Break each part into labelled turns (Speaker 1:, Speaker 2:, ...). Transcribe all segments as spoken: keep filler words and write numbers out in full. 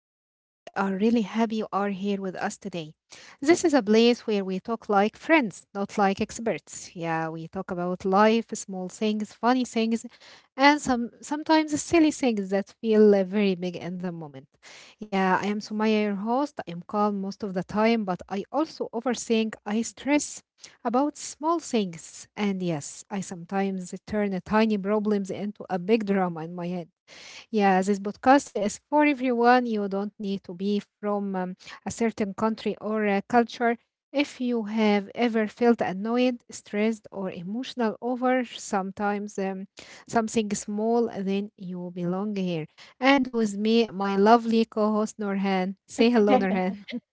Speaker 1: podcast. We are really happy you are here with us today. This is a place where we talk like friends, not like experts. Yeah, we talk about life, small things, funny things, and some sometimes silly things that feel uh, very big in the moment. Yeah, I am Sumaya, your host. I am calm most of the time, but I also overthink. I stress about small things, and yes, I sometimes turn tiny problems into a big drama in my head. Yeah, this podcast is for everyone. You don't need to be from um, a certain country or uh, culture. If you have ever felt annoyed, stressed, or emotional over sometimes um, something small, then you belong here. And with me, my lovely co-host Norhan. Say hello, Norhan.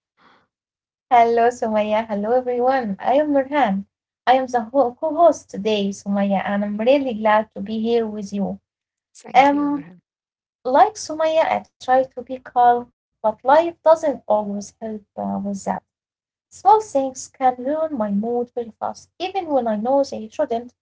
Speaker 2: Hello, Sumaya. Hello, everyone. I am Nurhan. I am the ho- co-host today, Sumaya, and I'm really glad to be here with you.
Speaker 1: Thank you, Norhan.
Speaker 2: Um, like Sumaya, I try to be calm, but life doesn't always help uh, with that. Small things can ruin my mood very fast, even when I know they shouldn't.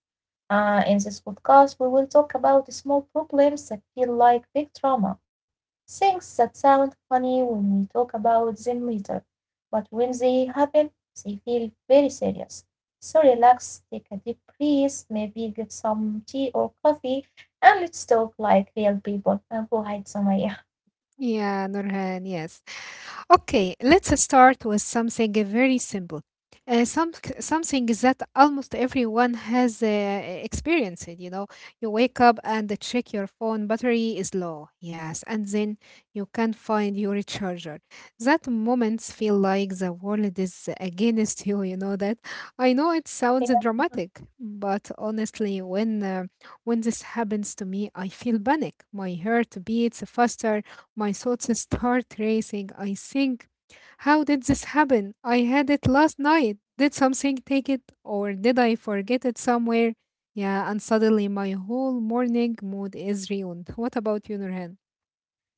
Speaker 2: Uh, in this podcast, we will talk about small problems that feel like big drama, things that sound funny when we talk about them later, but when they happen, they feel very serious. So relax, take a deep breath, maybe get some tea or coffee, and let's talk like real people. And go hide, Sumaya.
Speaker 1: Yeah, Norhan. Yes. Okay, let's start with something very simple. Uh, some, Something that almost everyone has uh, experienced, you know. You wake up and check your phone, battery is low. Yes, and then you can't find your recharger. That moments feel like the world is against you, you know that. I know it
Speaker 2: Yeah.
Speaker 1: sounds dramatic, but honestly, when uh, when this happens to me, I feel panic. My heart beats faster, my thoughts start racing. I think, how did this happen? I had it last night. Did something take it, or did I forget it somewhere? Yeah, and suddenly my whole morning mood is ruined. What about you, Nurhan?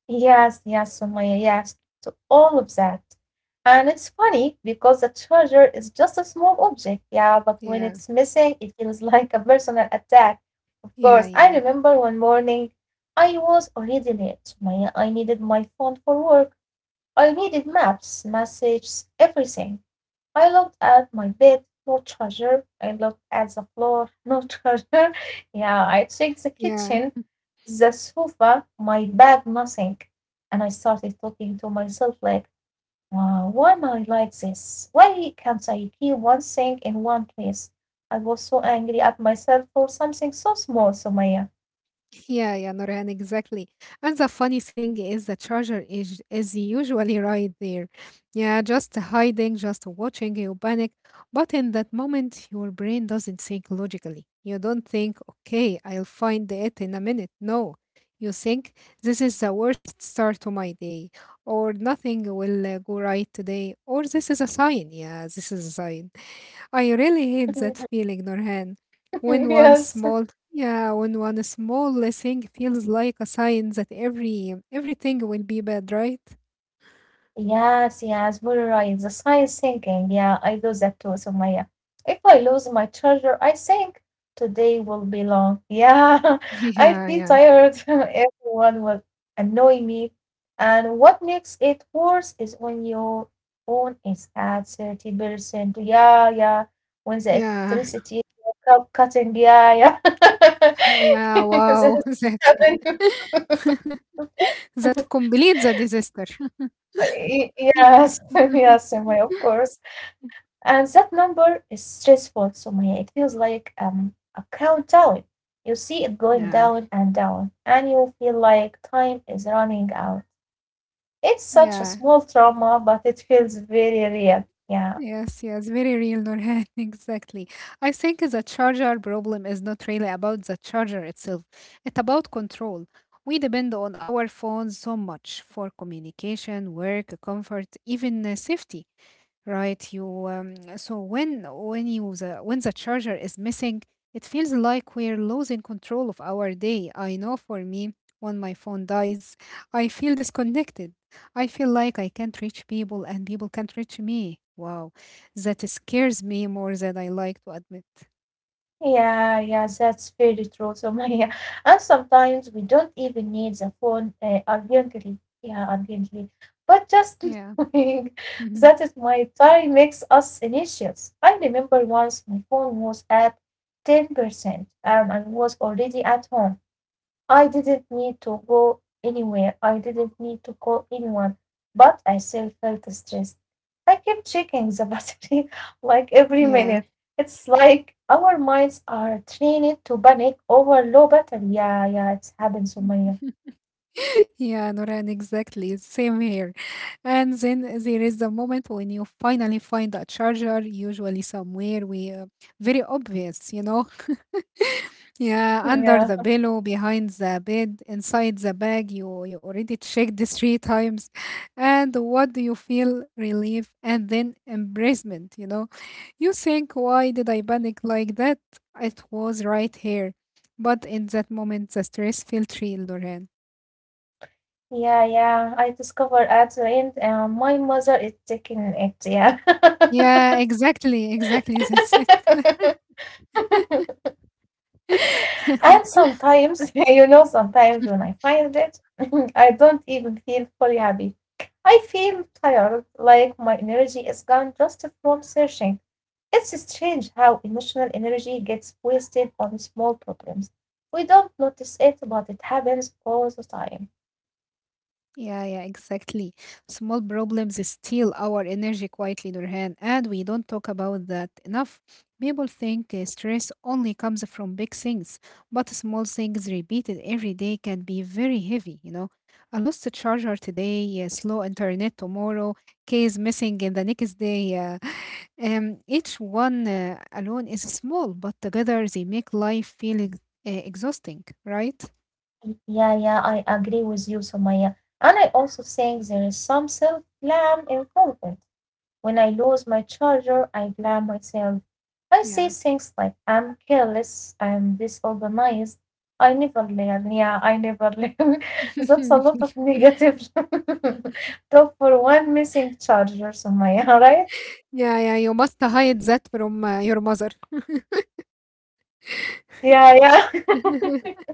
Speaker 2: Yes, yes, Sumaya, yes, to all of that. And it's funny because a charger is just a small object, yeah, but when it's
Speaker 1: Yeah,
Speaker 2: missing, it feels like a personal attack. Of course,
Speaker 1: yeah,
Speaker 2: I
Speaker 1: yeah,
Speaker 2: remember one morning I was already late, Sumaya. I needed my phone for work. I needed maps, messages, everything. I looked at my bed, no charger. I looked at the floor, no charger. Yeah, I checked the
Speaker 1: yeah.
Speaker 2: kitchen, the sofa, my bed, nothing. And I started talking to myself like, wow, why am I like this? Why can't I keep one thing in one place? I was so angry at myself for something so small, Sumaya.
Speaker 1: Yeah, yeah, Nurhan, exactly. And the funny thing is the charger is is usually right there. Yeah, just hiding, just watching you panic. But in that moment, your brain doesn't think logically. You don't think, okay, I'll find it in a minute. No. You think, this is the worst start to my day, or nothing will uh, go right today, or this is a sign. Yeah, this is a sign. I really hate that feeling, Norhan. When one
Speaker 2: Yes.
Speaker 1: small yeah, when one small thing feels like a sign that every everything will be bad, right?
Speaker 2: Yes, yes, very right. The science thinking. Yeah, I do that too, Sumaya. If I lose my charger, I think today will be long. Yeah, I'd
Speaker 1: Yeah,
Speaker 2: be
Speaker 1: yeah.
Speaker 2: tired. Everyone will annoy me. And what makes it worse is when your phone is at thirty percent. Yeah, yeah. When the
Speaker 1: Yeah.
Speaker 2: electricity is cutting. Yeah, yeah.
Speaker 1: Yeah,
Speaker 2: This
Speaker 1: wow. That's
Speaker 2: is
Speaker 1: it.
Speaker 2: happening.
Speaker 1: That completes the disaster.
Speaker 2: Y- Yes, yes, Sumaya, of course. And that number is stressful, Sumaya. It feels like um, a countdown. You see it going
Speaker 1: Yeah.
Speaker 2: down and down, and you feel like time is running out. It's such a
Speaker 1: Yeah.
Speaker 2: small trauma, but it feels very real. Yeah.
Speaker 1: Yes, yes, very real, Nurhan. Exactly. I think the charger problem is not really about the charger itself. It's about control. We depend on our phones so much for communication, work, comfort, even uh, safety, right? you um, So when when you the when the charger is missing, it feels like we're losing control of our day. I know, for me, when my phone dies, I feel disconnected. I feel like I can't reach people and people can't reach me. Wow, that scares me more than I like to admit.
Speaker 2: Yeah, yeah, that's very true, Sumaya. And sometimes we don't even need the phone uh, urgently. Yeah, urgently. But just
Speaker 1: Yeah.
Speaker 2: knowing that it might die makes us anxious. I remember once my phone was at ten percent um, and was already at home. I didn't need to go anywhere, I didn't need to call anyone, but I still felt stressed. I kept checking the battery like every minute.
Speaker 1: Yeah.
Speaker 2: It's like our minds are trained to panic over low battery. Yeah, yeah, it's happened, Sumaya.
Speaker 1: Yeah, Noran, exactly. Same here. And then there is the moment when you finally find a charger, usually somewhere we uh, very obvious, you know. Yeah, under
Speaker 2: Yeah,
Speaker 1: the pillow, behind the bed, inside the bag. You you already checked this three times, and what do you feel? Relief and then embracement. You know, you think, why did I panic like that? It was right here. But in that moment, the stress felt real, Noran.
Speaker 2: yeah, yeah. I discovered at the end uh, my mother is taking it. Yeah.
Speaker 1: Yeah, exactly, exactly. That's it.
Speaker 2: And sometimes, you know, sometimes when I find it, I don't even feel fully happy. I feel tired, like my energy is gone just from searching. It's strange how emotional energy gets wasted on small problems. We don't notice it, but it happens all the time.
Speaker 1: Yeah, yeah, exactly. Small problems steal our energy quietly, Nurhan, and we don't talk about that enough. People think uh, stress only comes from big things, but small things repeated every day can be very heavy, you know. I lost a charger today, uh, slow internet tomorrow, case missing in the next day. Uh, um, each one uh, alone is small, but together they make life feel ex- uh, exhausting, right?
Speaker 2: Yeah, yeah, I agree with you, Somaya. And I also think there is some self blame involved. When I lose my charger, I blame myself. I say
Speaker 1: Yeah.
Speaker 2: things like I'm careless, I'm disorganized, I never learn, yeah, I never learn. That's a lot of negative talk for one missing charger, Sumaya, right?
Speaker 1: Yeah, yeah, you must hide that from uh, your mother.
Speaker 2: Yeah, yeah.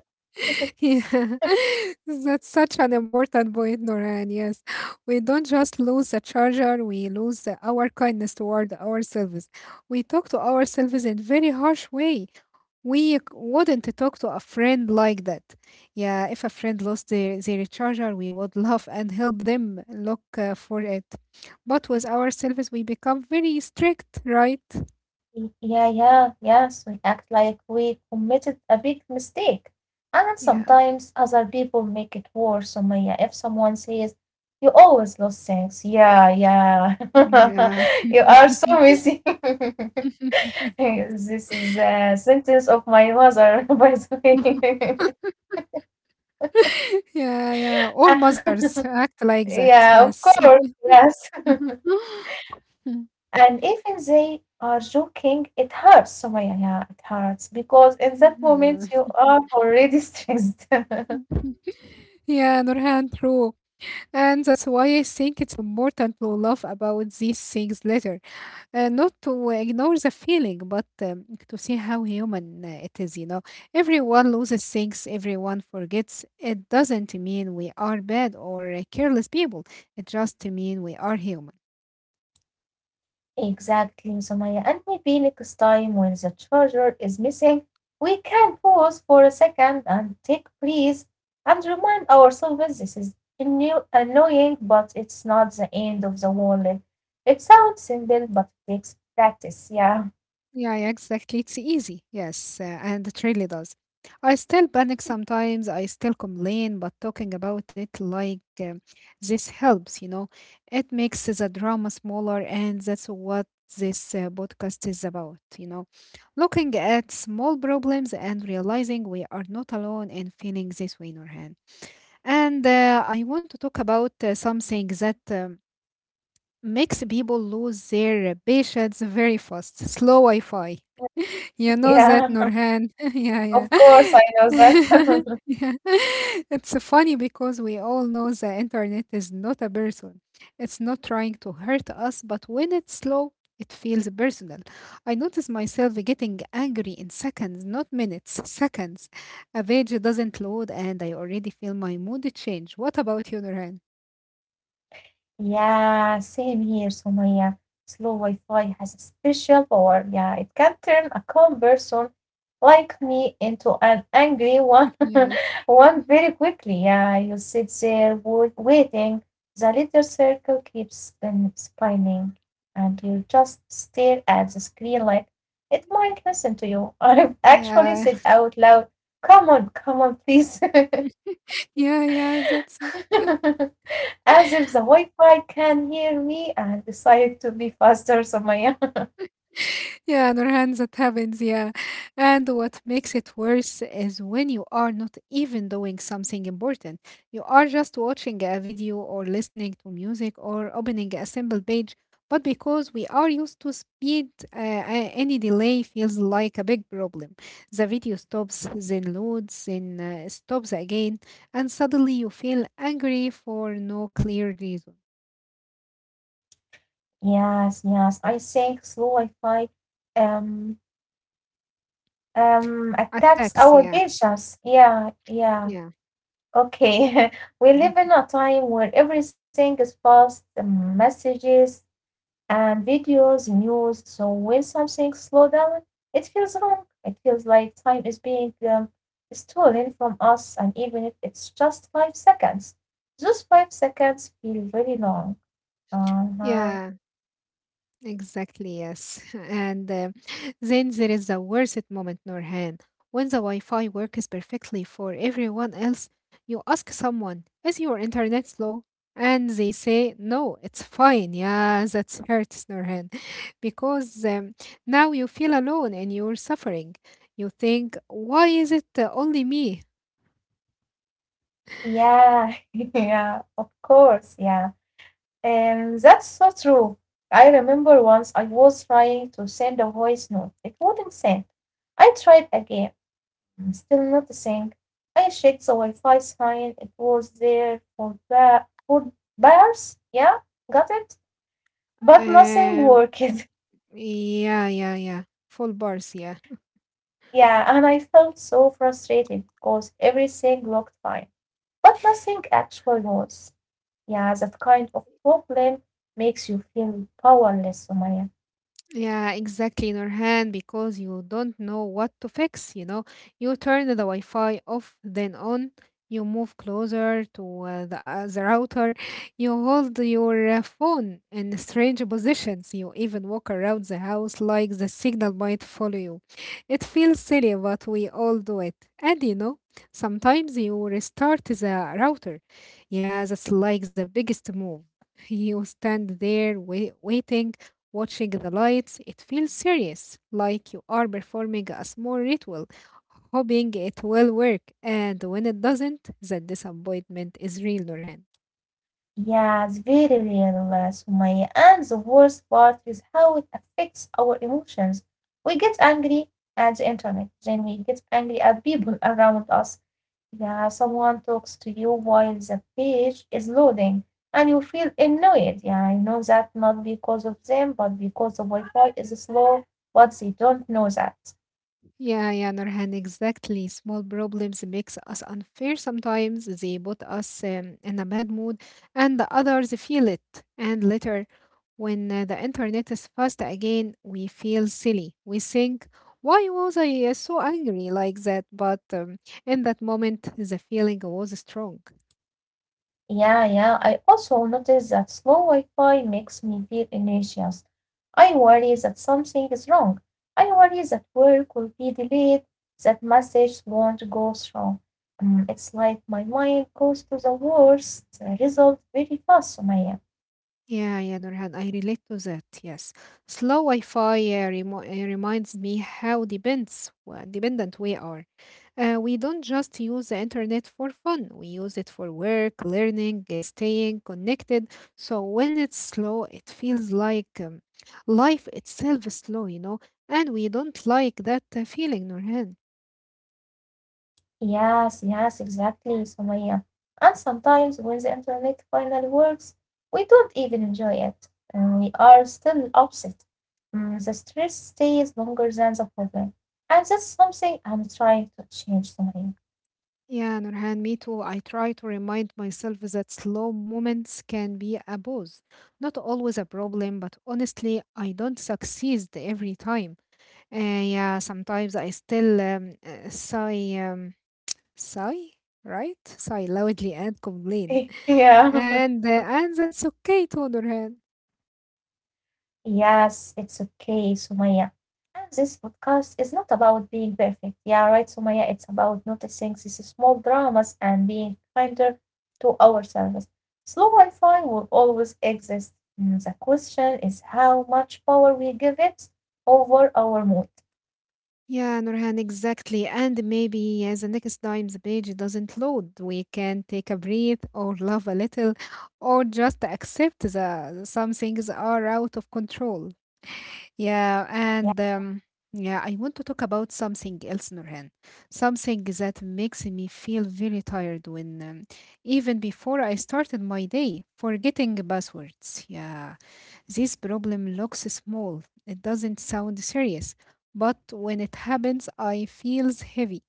Speaker 1: Yeah, that's such an important point, Noran. Yes, we don't just lose the charger, we lose the- our kindness toward ourselves. We talk to ourselves in very harsh way. We c- wouldn't talk to a friend like that. Yeah, if a friend lost their, their charger, we would love and help them look uh, for it. But with ourselves, we become very strict, right?
Speaker 2: Y- Yeah, yeah, yes. We act like we committed a big mistake. And
Speaker 1: Yeah.
Speaker 2: sometimes other people make it worse. So, Maya, if someone says, you always lose things. Yeah, yeah.
Speaker 1: Yeah.
Speaker 2: You are so missing. Hey, this is a sentence of my mother, by the way.
Speaker 1: Yeah, yeah. All mothers act like that.
Speaker 2: Yeah, of
Speaker 1: Yes.
Speaker 2: course, yes. And even they are joking, it hurts, Sumaya. Yeah, yeah, it hurts because in that
Speaker 1: Yeah.
Speaker 2: moment you are already stressed.
Speaker 1: Yeah, Nurhan, true. And that's why I think it's important to laugh about these things later. Uh, not to ignore the feeling, but um, to see how human uh, it is, you know. Everyone loses things, everyone forgets. It doesn't mean we are bad or uh, careless people. It just means we are human.
Speaker 2: Exactly, Sumaya. And maybe next time when the charger is missing, we can pause for a second and take breath and remind ourselves this is anno- annoying, but it's not the end of the world. It sounds simple, but it takes practice. Yeah,
Speaker 1: Yeah, yeah, exactly. It's easy. Yes, uh, and it really does. I still panic sometimes. I still complain, but talking about it like um, this helps, you know. It makes the drama smaller, and that's what this uh, podcast is about, you know. Looking at small problems and realizing we are not alone in feeling this way, Nurhan. And uh, I want to talk about uh, something that um, makes people lose their patience very fast, slow Wi-Fi. You know
Speaker 2: yeah,
Speaker 1: that, Nurhan. Yeah,
Speaker 2: of course, I know
Speaker 1: yeah.
Speaker 2: that.
Speaker 1: Yeah. It's funny because we all know the internet is not a person. It's not trying to hurt us, but when it's slow, it feels personal. I notice myself getting angry in seconds, not minutes, seconds. A page doesn't load and I already feel my mood change. What about you, Nurhan?
Speaker 2: Yeah, same here, Sumaya. Slow Wi-Fi has a special power. Yeah, it can turn a calm person like me into an angry one
Speaker 1: Yeah.
Speaker 2: one very quickly. Yeah, you sit there wait, waiting. The little circle keeps spin, spinning, and you just stare at the screen like it might listen to you. I've actually
Speaker 1: Yeah.
Speaker 2: said out loud, "Come on, come on, please,"
Speaker 1: Yeah, yeah, that's it.
Speaker 2: as if the Wi-Fi can hear me. I decided to be faster, so my
Speaker 1: Yeah, Nurhan, that happens, yeah. And what makes it worse is when you are not even doing something important. You are just watching a video or listening to music or opening a simple page. But because we are used to speed, uh, a- any delay feels like a big problem. The video stops, then loads, then uh, stops again, and suddenly you feel angry for no clear reason.
Speaker 2: yes, yes. I think slow Wi-Fi um um attacks
Speaker 1: Attacks,
Speaker 2: our
Speaker 1: yeah,
Speaker 2: patience. Yeah, yeah.
Speaker 1: yeah,
Speaker 2: Okay. We live in
Speaker 1: Mhm.
Speaker 2: a time where everything is fast, the messages and videos, news. So when something slow down, it feels wrong. It feels like time is being um, stolen from us, and even if it's just five seconds, those five seconds feel really long. Uh-huh.
Speaker 1: Yeah. Exactly, yes. And uh, then there is the worst moment, Norhan. When the Wi Fi works perfectly for everyone else, you ask someone, "Is your internet slow?" And they say, "No, it's fine." Yeah, that hurts, Norhan. Because um, now you feel alone in your suffering. You think, why is it uh, only me?
Speaker 2: Yeah, yeah, of course, yeah. And that's so true. I remember once I was trying to send a voice note. It wouldn't send. I tried again, mm, still nothing. I checked the Wi Fi sign. It was there for, ba- for bars. Yeah, got it? But nothing worked.
Speaker 1: Um, yeah, yeah, yeah. Full bars, yeah.
Speaker 2: Yeah, and I felt so frustrated because everything looked fine. But nothing actually was. Yeah, that kind of problem makes you feel powerless, Sumaya.
Speaker 1: Yeah, exactly, Nurhan, because you don't know what to fix, you know. You turn the Wi-Fi off, then on, you move closer to uh, the, uh, the router, you hold your uh, phone in strange positions, you even walk around the house like the signal might follow you. It feels silly, but we all do it. And you know, sometimes you restart the router. Yeah, that's like the biggest move. You stand there wai- waiting, watching the lights. It feels serious, like you are performing a small ritual, hoping it will work. And when it doesn't, the disappointment is real, Nurhan.
Speaker 2: Yes, very real, uh, Sumaya. And the worst part is how it affects our emotions. We get angry at the internet, then we get angry at people around us. Yeah, someone talks to you while the page is loading, and you feel annoyed. Yeah, I know that not because of them, but because the Wi-Fi is slow, but they don't know that.
Speaker 1: Yeah, yeah, Nurhan, exactly. Small problems makes us unfair sometimes. They put us um, in a bad mood, and the others feel it. And later, when uh, the internet is fast again, we feel silly. We think, "Why was I uh, so angry like that?" But um, in that moment, the feeling was strong.
Speaker 2: Yeah, yeah. I also notice that slow Wi-Fi makes me feel anxious. I worry that something is wrong. I worry that work will be delayed, that message won't go through. Mm, It's like my mind goes to the worst uh, result very fast, Sumaya.
Speaker 1: Yeah, yeah, Nurhan, I relate to that. Yes, slow Wi-Fi uh, remo- uh, reminds me how depends, well, dependent we are. Uh, we don't just use the internet for fun. We use it for work, learning, uh, staying connected. So when it's slow, it feels like um, life itself is slow, you know. And we don't like that uh, feeling, Nurhan.
Speaker 2: Yes, yes, exactly, Sumaya. And sometimes when the internet finally works, we don't even enjoy it, and we are still upset. Mm, the stress stays longer than the problem, and that's something I'm trying to change, Sumaya.
Speaker 1: Yeah, Nurhan, me too. I try to remind myself that slow moments can be a pause. Not always a problem, but honestly, I don't succeed every time. Uh, yeah, sometimes I still um, uh, sigh, um, sigh, right? Sigh loudly and complain.
Speaker 2: Yeah.
Speaker 1: And, uh, and that's okay too, Nurhan.
Speaker 2: Yes, it's okay, Sumaya. And this podcast is not about being perfect. Yeah, right, Sumaya. It's about noticing these small dramas and being kinder to ourselves. Slow Wi Fi will always exist. Mm, The question is how much power we give it over our mood.
Speaker 1: Yeah, Nurhan, exactly. And maybe uh, the next time the page doesn't load, we can take a breath or laugh a little or just accept that some things are out of control. Yeah, and
Speaker 2: Yeah,
Speaker 1: um, yeah, I want to talk about something else, Nurhan. Something that makes me feel very tired when, um, even before I started my day, forgetting passwords. Yeah, this problem looks small. It doesn't sound serious, but when it happens, I feels heavy.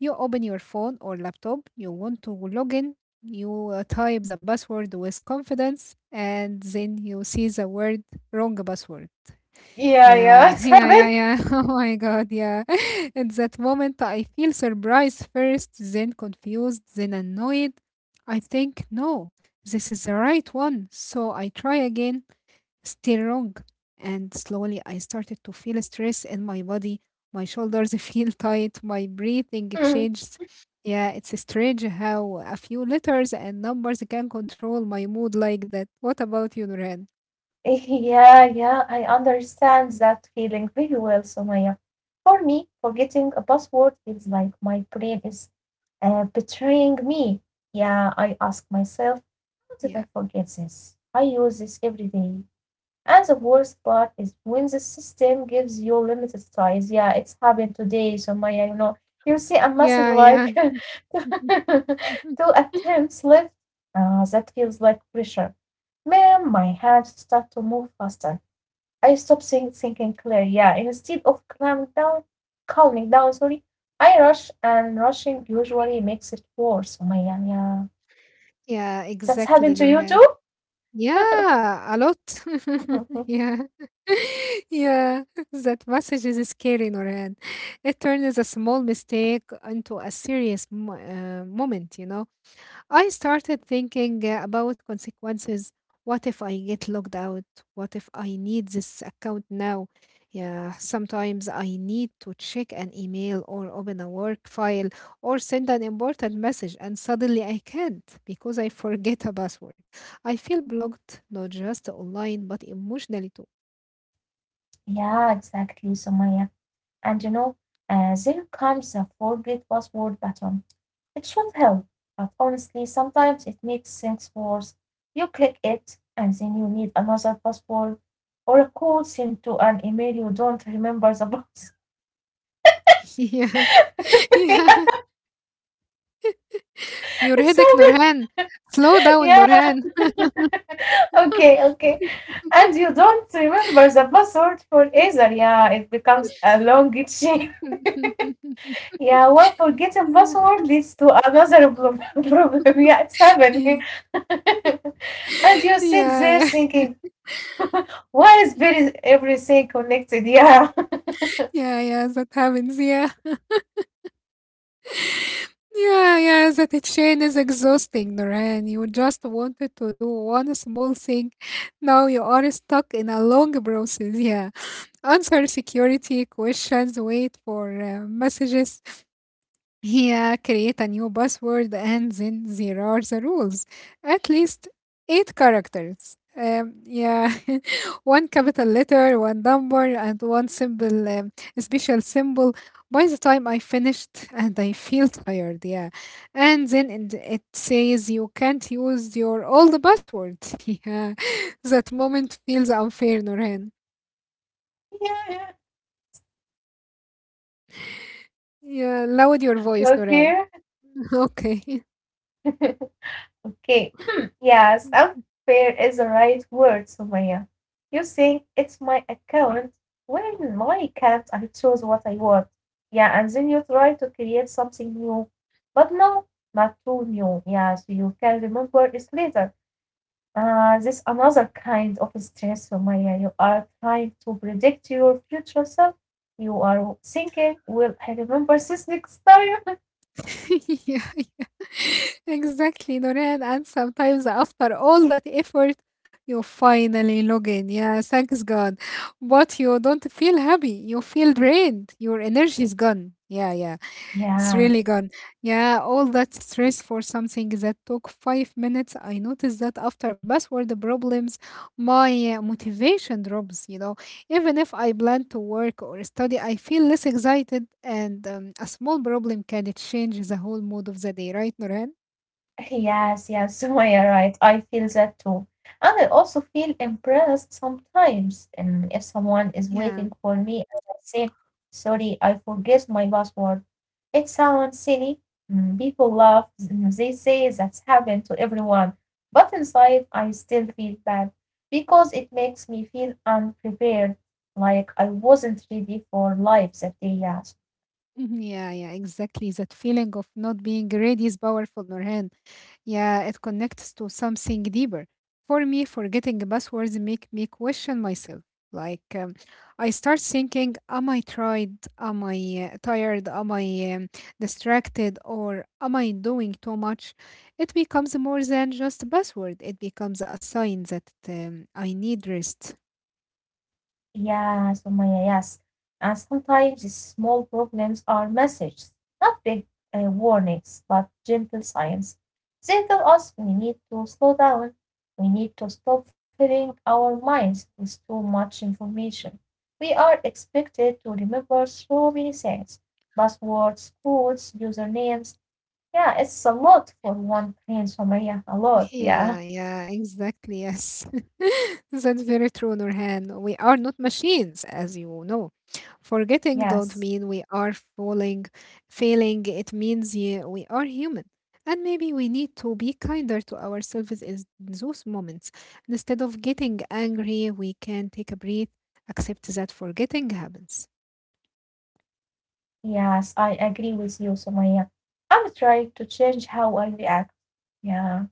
Speaker 1: You open your phone or laptop, you want to log in, you uh, type the password with confidence, and then you see the word, "wrong password"
Speaker 2: yeah, yeah,
Speaker 1: yeah,
Speaker 2: it's
Speaker 1: yeah,
Speaker 2: happened.
Speaker 1: yeah, yeah. Oh my God, yeah. At that moment, I feel surprised first, then confused, then annoyed. I think, no, this is the right one. So I try again, still wrong. And slowly, I started to feel stress in my body. My shoulders feel tight, my breathing
Speaker 2: Mm.
Speaker 1: changes. Yeah, it's strange how a few letters and numbers can control my mood like that. What about you, Nuran?
Speaker 2: Yeah, yeah. I understand that feeling very well, Sumaya. For me, forgetting a password feels like my brain is Uh, betraying me. Yeah, I ask myself, how did
Speaker 1: Yeah.
Speaker 2: I forget this? I use this every day. And the worst part is when the system gives you limited size. Yeah, it's happened today, so Maya, you know, you see a message
Speaker 1: Yeah, yeah.
Speaker 2: like
Speaker 1: Mhm.
Speaker 2: two attempts left. Uh, that feels like pressure. Man, my hands start to move faster. I stopped think- thinking clear. Yeah, instead of calm down, calming down, sorry, I rush and rushing usually makes it worse, Sumaya. Yeah,
Speaker 1: Yeah,
Speaker 2: that's
Speaker 1: exactly,
Speaker 2: happened to you
Speaker 1: Nurhan.
Speaker 2: too?
Speaker 1: Yeah, a lot. Yeah. Yeah, that message is scary, Nurhan. It turns a small mistake into a serious mo- uh, moment, you know. I started thinking uh, about consequences. What if I get locked out? What if I need this account now? Yeah, sometimes I need to check an email or open a work file or send an important message, and suddenly I can't because I forget a password. I feel blocked, not just online, but emotionally too.
Speaker 2: Yeah, exactly, Sumaya. And you know, uh, there comes a forget password button. It should help, but honestly, sometimes it makes things worse. You click it, and then you need another password or a code sent to an email you don't remember the box.
Speaker 1: Yeah, yeah. You're
Speaker 2: It's
Speaker 1: headache,
Speaker 2: so good.
Speaker 1: Nurhan. Slow down,
Speaker 2: Yeah,
Speaker 1: Nurhan.
Speaker 2: okay, okay. And you don't remember the password for either. Yeah, it becomes a long chain. Yeah, one forgotten
Speaker 1: yeah,
Speaker 2: password leads to another prob- problem. Yeah, it's
Speaker 1: yeah,
Speaker 2: happening. And you sit there
Speaker 1: yeah,
Speaker 2: thinking, why is very everything connected? Yeah.
Speaker 1: yeah, yeah, that happens, yeah. Yeah, yeah, that it chain is exhausting, Noran. You just wanted to do one small thing. Now you are stuck in a long process. Yeah. Answer security questions, wait for uh, messages, here, create a new password, and then there are the rules. At least eight characters. Um, yeah, one capital letter, one number, and one symbol. Um, special symbol. By the time I finished, and I feel tired, yeah. And then it it says you can't use your old password. Yeah, that moment feels unfair, Noreen.
Speaker 2: Yeah,
Speaker 1: Yeah, loud your voice, Noreen.
Speaker 2: yeah.
Speaker 1: Okay.
Speaker 2: Okay. Okay. Yes, unfair is the right word, Sumaya. You think it's my account? When my account, I chose what I want. Yeah, and then you try to create something new. But no, not too new. Yeah, so you can remember it later. Uh, this another kind of stress, Sumaya. You are trying to predict your future self. You are thinking, will I remember this next time?
Speaker 1: Yeah. Exactly, Noreen. And sometimes after all that effort, you finally log in. Yeah, thanks God. But you don't feel happy. You feel drained. Your energy is gone. Yeah, yeah. It's
Speaker 2: Yeah.
Speaker 1: really gone. Yeah, all that stress for something that took five minutes. I noticed that after password problems, my uh, motivation drops, you know. Even if I plan to work or study, I feel less excited, and um, a small problem can change the whole mood of the day, right, Noran?
Speaker 2: Yes, yes, Sumaya, right. I feel that too. And I also feel impressed sometimes. And if someone is waiting
Speaker 1: Yeah.
Speaker 2: for me and I say, sorry, I forget my password, it sounds silly. Mm, People laugh. mm, They say that's happened to everyone. But inside, I still feel bad because it makes me feel unprepared, like I wasn't ready for life that day. Yeah,
Speaker 1: Mhm. Yeah, yeah, exactly. That feeling of not being ready is powerful, Nurhan. Yeah, it connects to something deeper. For me, forgetting passwords make me question myself. Like, um, I start thinking, am I tried? Am I uh, tired? Am I um, distracted? Or am I doing too much? It becomes more than just a password. It becomes a sign that um, I need rest.
Speaker 2: yeah, Sumaya, yes. And sometimes these small problems are messages, not big uh, warnings, but gentle signs. They tell us we need to slow down. We need to stop filling our minds with too much information. We are expected to remember so many things passwords, codes, usernames. Yeah, it's a lot for one brain, Sumaya, a lot. Yeah,
Speaker 1: Yeah, yeah, exactly. Yes, that's very true, Nurhan. We are not machines, as you know. Forgetting don't
Speaker 2: yes.
Speaker 1: mean we are falling, failing. It means yeah, we are human, and maybe we need to be kinder to ourselves in those moments. Instead of getting angry, we can take a breath, accept that forgetting happens.
Speaker 2: Yes, I agree with you, Sumaya. I'm trying to change how I react. Yeah.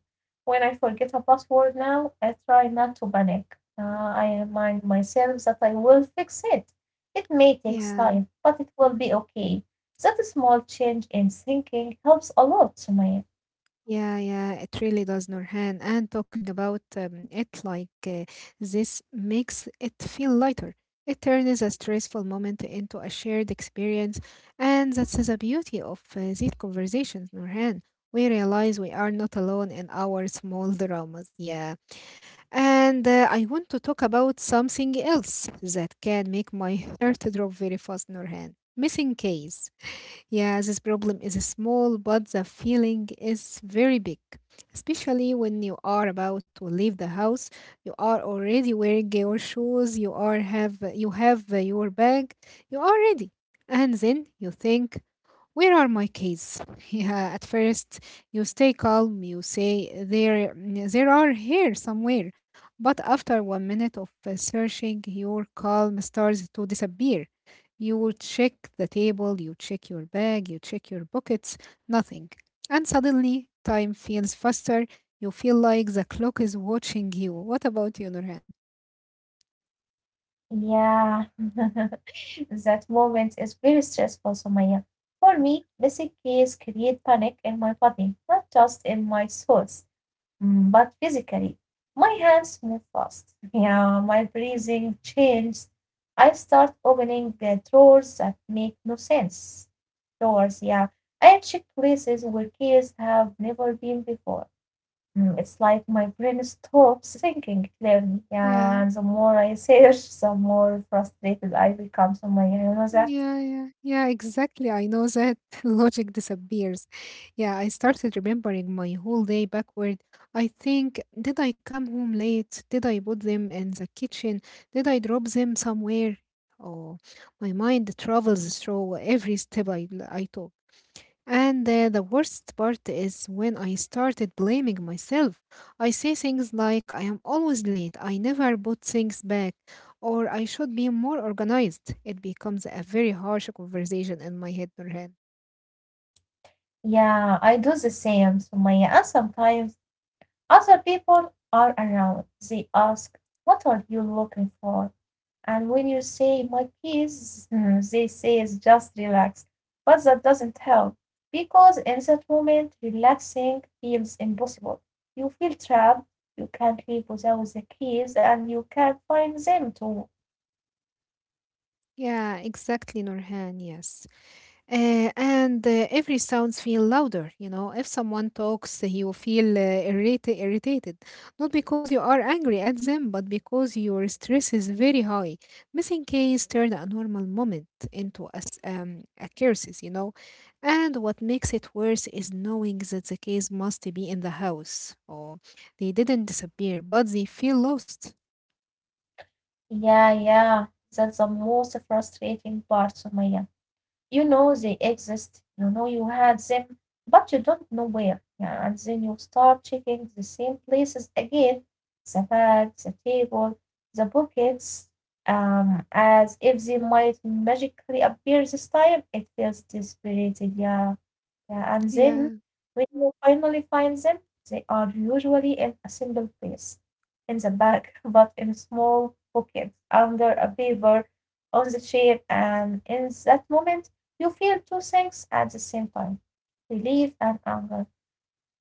Speaker 2: When I forget a password now, I try not to panic. Uh, I remind myself that I will fix it. It may take time,
Speaker 1: Yeah.
Speaker 2: but it will be okay. That small change in thinking helps a lot, Sumaya.
Speaker 1: Yeah, yeah, it really does, Nurhan. And talking about um, it like uh, this makes it feel lighter. It turns a stressful moment into a shared experience. And that's the beauty of uh, these conversations, Nurhan. We realize we are not alone in our small dramas. Yeah. And uh, I want to talk about something else that can make my heart drop very fast, Nurhan. Missing case. Yeah, this problem is small, but the feeling is very big. Especially when you are about to leave the house, you are already wearing your shoes, you are have you have your bag, you are ready. And then you think, where are my keys? Yeah, at first you stay calm, you say there there are here somewhere, but after one minute of uh, searching, your calm starts to disappear. You will check the table, you check your bag, you check your pockets, nothing. And suddenly time feels faster. You feel like the clock is watching you. What about you, Nurhan?
Speaker 2: Yeah. That moment is very stressful, Sumaya. For me, missing keys create panic in my body, not just in my soul. Mm, but physically, my hands move fast. Yeah, my breathing changes. I start opening the drawers that make no sense. Drawers, yeah. I check places where keys have never been before. Mm, it's like my brain stops thinking clearly.
Speaker 1: Yeah,
Speaker 2: Yeah, and the more I search, the more frustrated I become. So, my, you know that?
Speaker 1: Yeah, yeah, yeah, exactly. I know that logic disappears. Yeah, I started remembering my whole day backward. I think, did I come home late? Did I put them in the kitchen? Did I drop them somewhere? Oh, my mind travels through every step I, I took. And uh, the worst part is when I started blaming myself. I say things like, I am always late, I never put things back, or I should be more organized. It becomes a very harsh conversation in my head, Nurhan.
Speaker 2: Yeah, I do the same. So, my, and sometimes other people are around. They ask, what are you looking for? And when you say, my peace, they say, "Is just relax." But that doesn't help because in that moment, relaxing feels impossible. You feel trapped. You can't leave without the keys and you can't find them too.
Speaker 1: Yeah, exactly, Nurhan, yes. Uh, and uh, every sounds feel louder, you know. If someone talks, you feel uh, irritated irritated not because you are angry at them, but because your stress is very high. Missing case turned a normal moment into a, s- um, a curses, you know. And what makes it worse is knowing that the case must be in the house, or they didn't disappear, but they feel lost,
Speaker 2: Yeah, yeah, that's the most frustrating part, Sumaya. You know they exist, you know you had them, but you don't know where. Yeah, and then you start checking the same places again, the bag, the table, the pockets, um, as if they might magically appear this time. It feels desperate, yeah. Yeah, and
Speaker 1: yeah.
Speaker 2: then when you finally find them, they are usually in a simple place in the bag, but in a small pocket under a paper on the chair. And in that moment, you feel two things at the same time, relief and anger.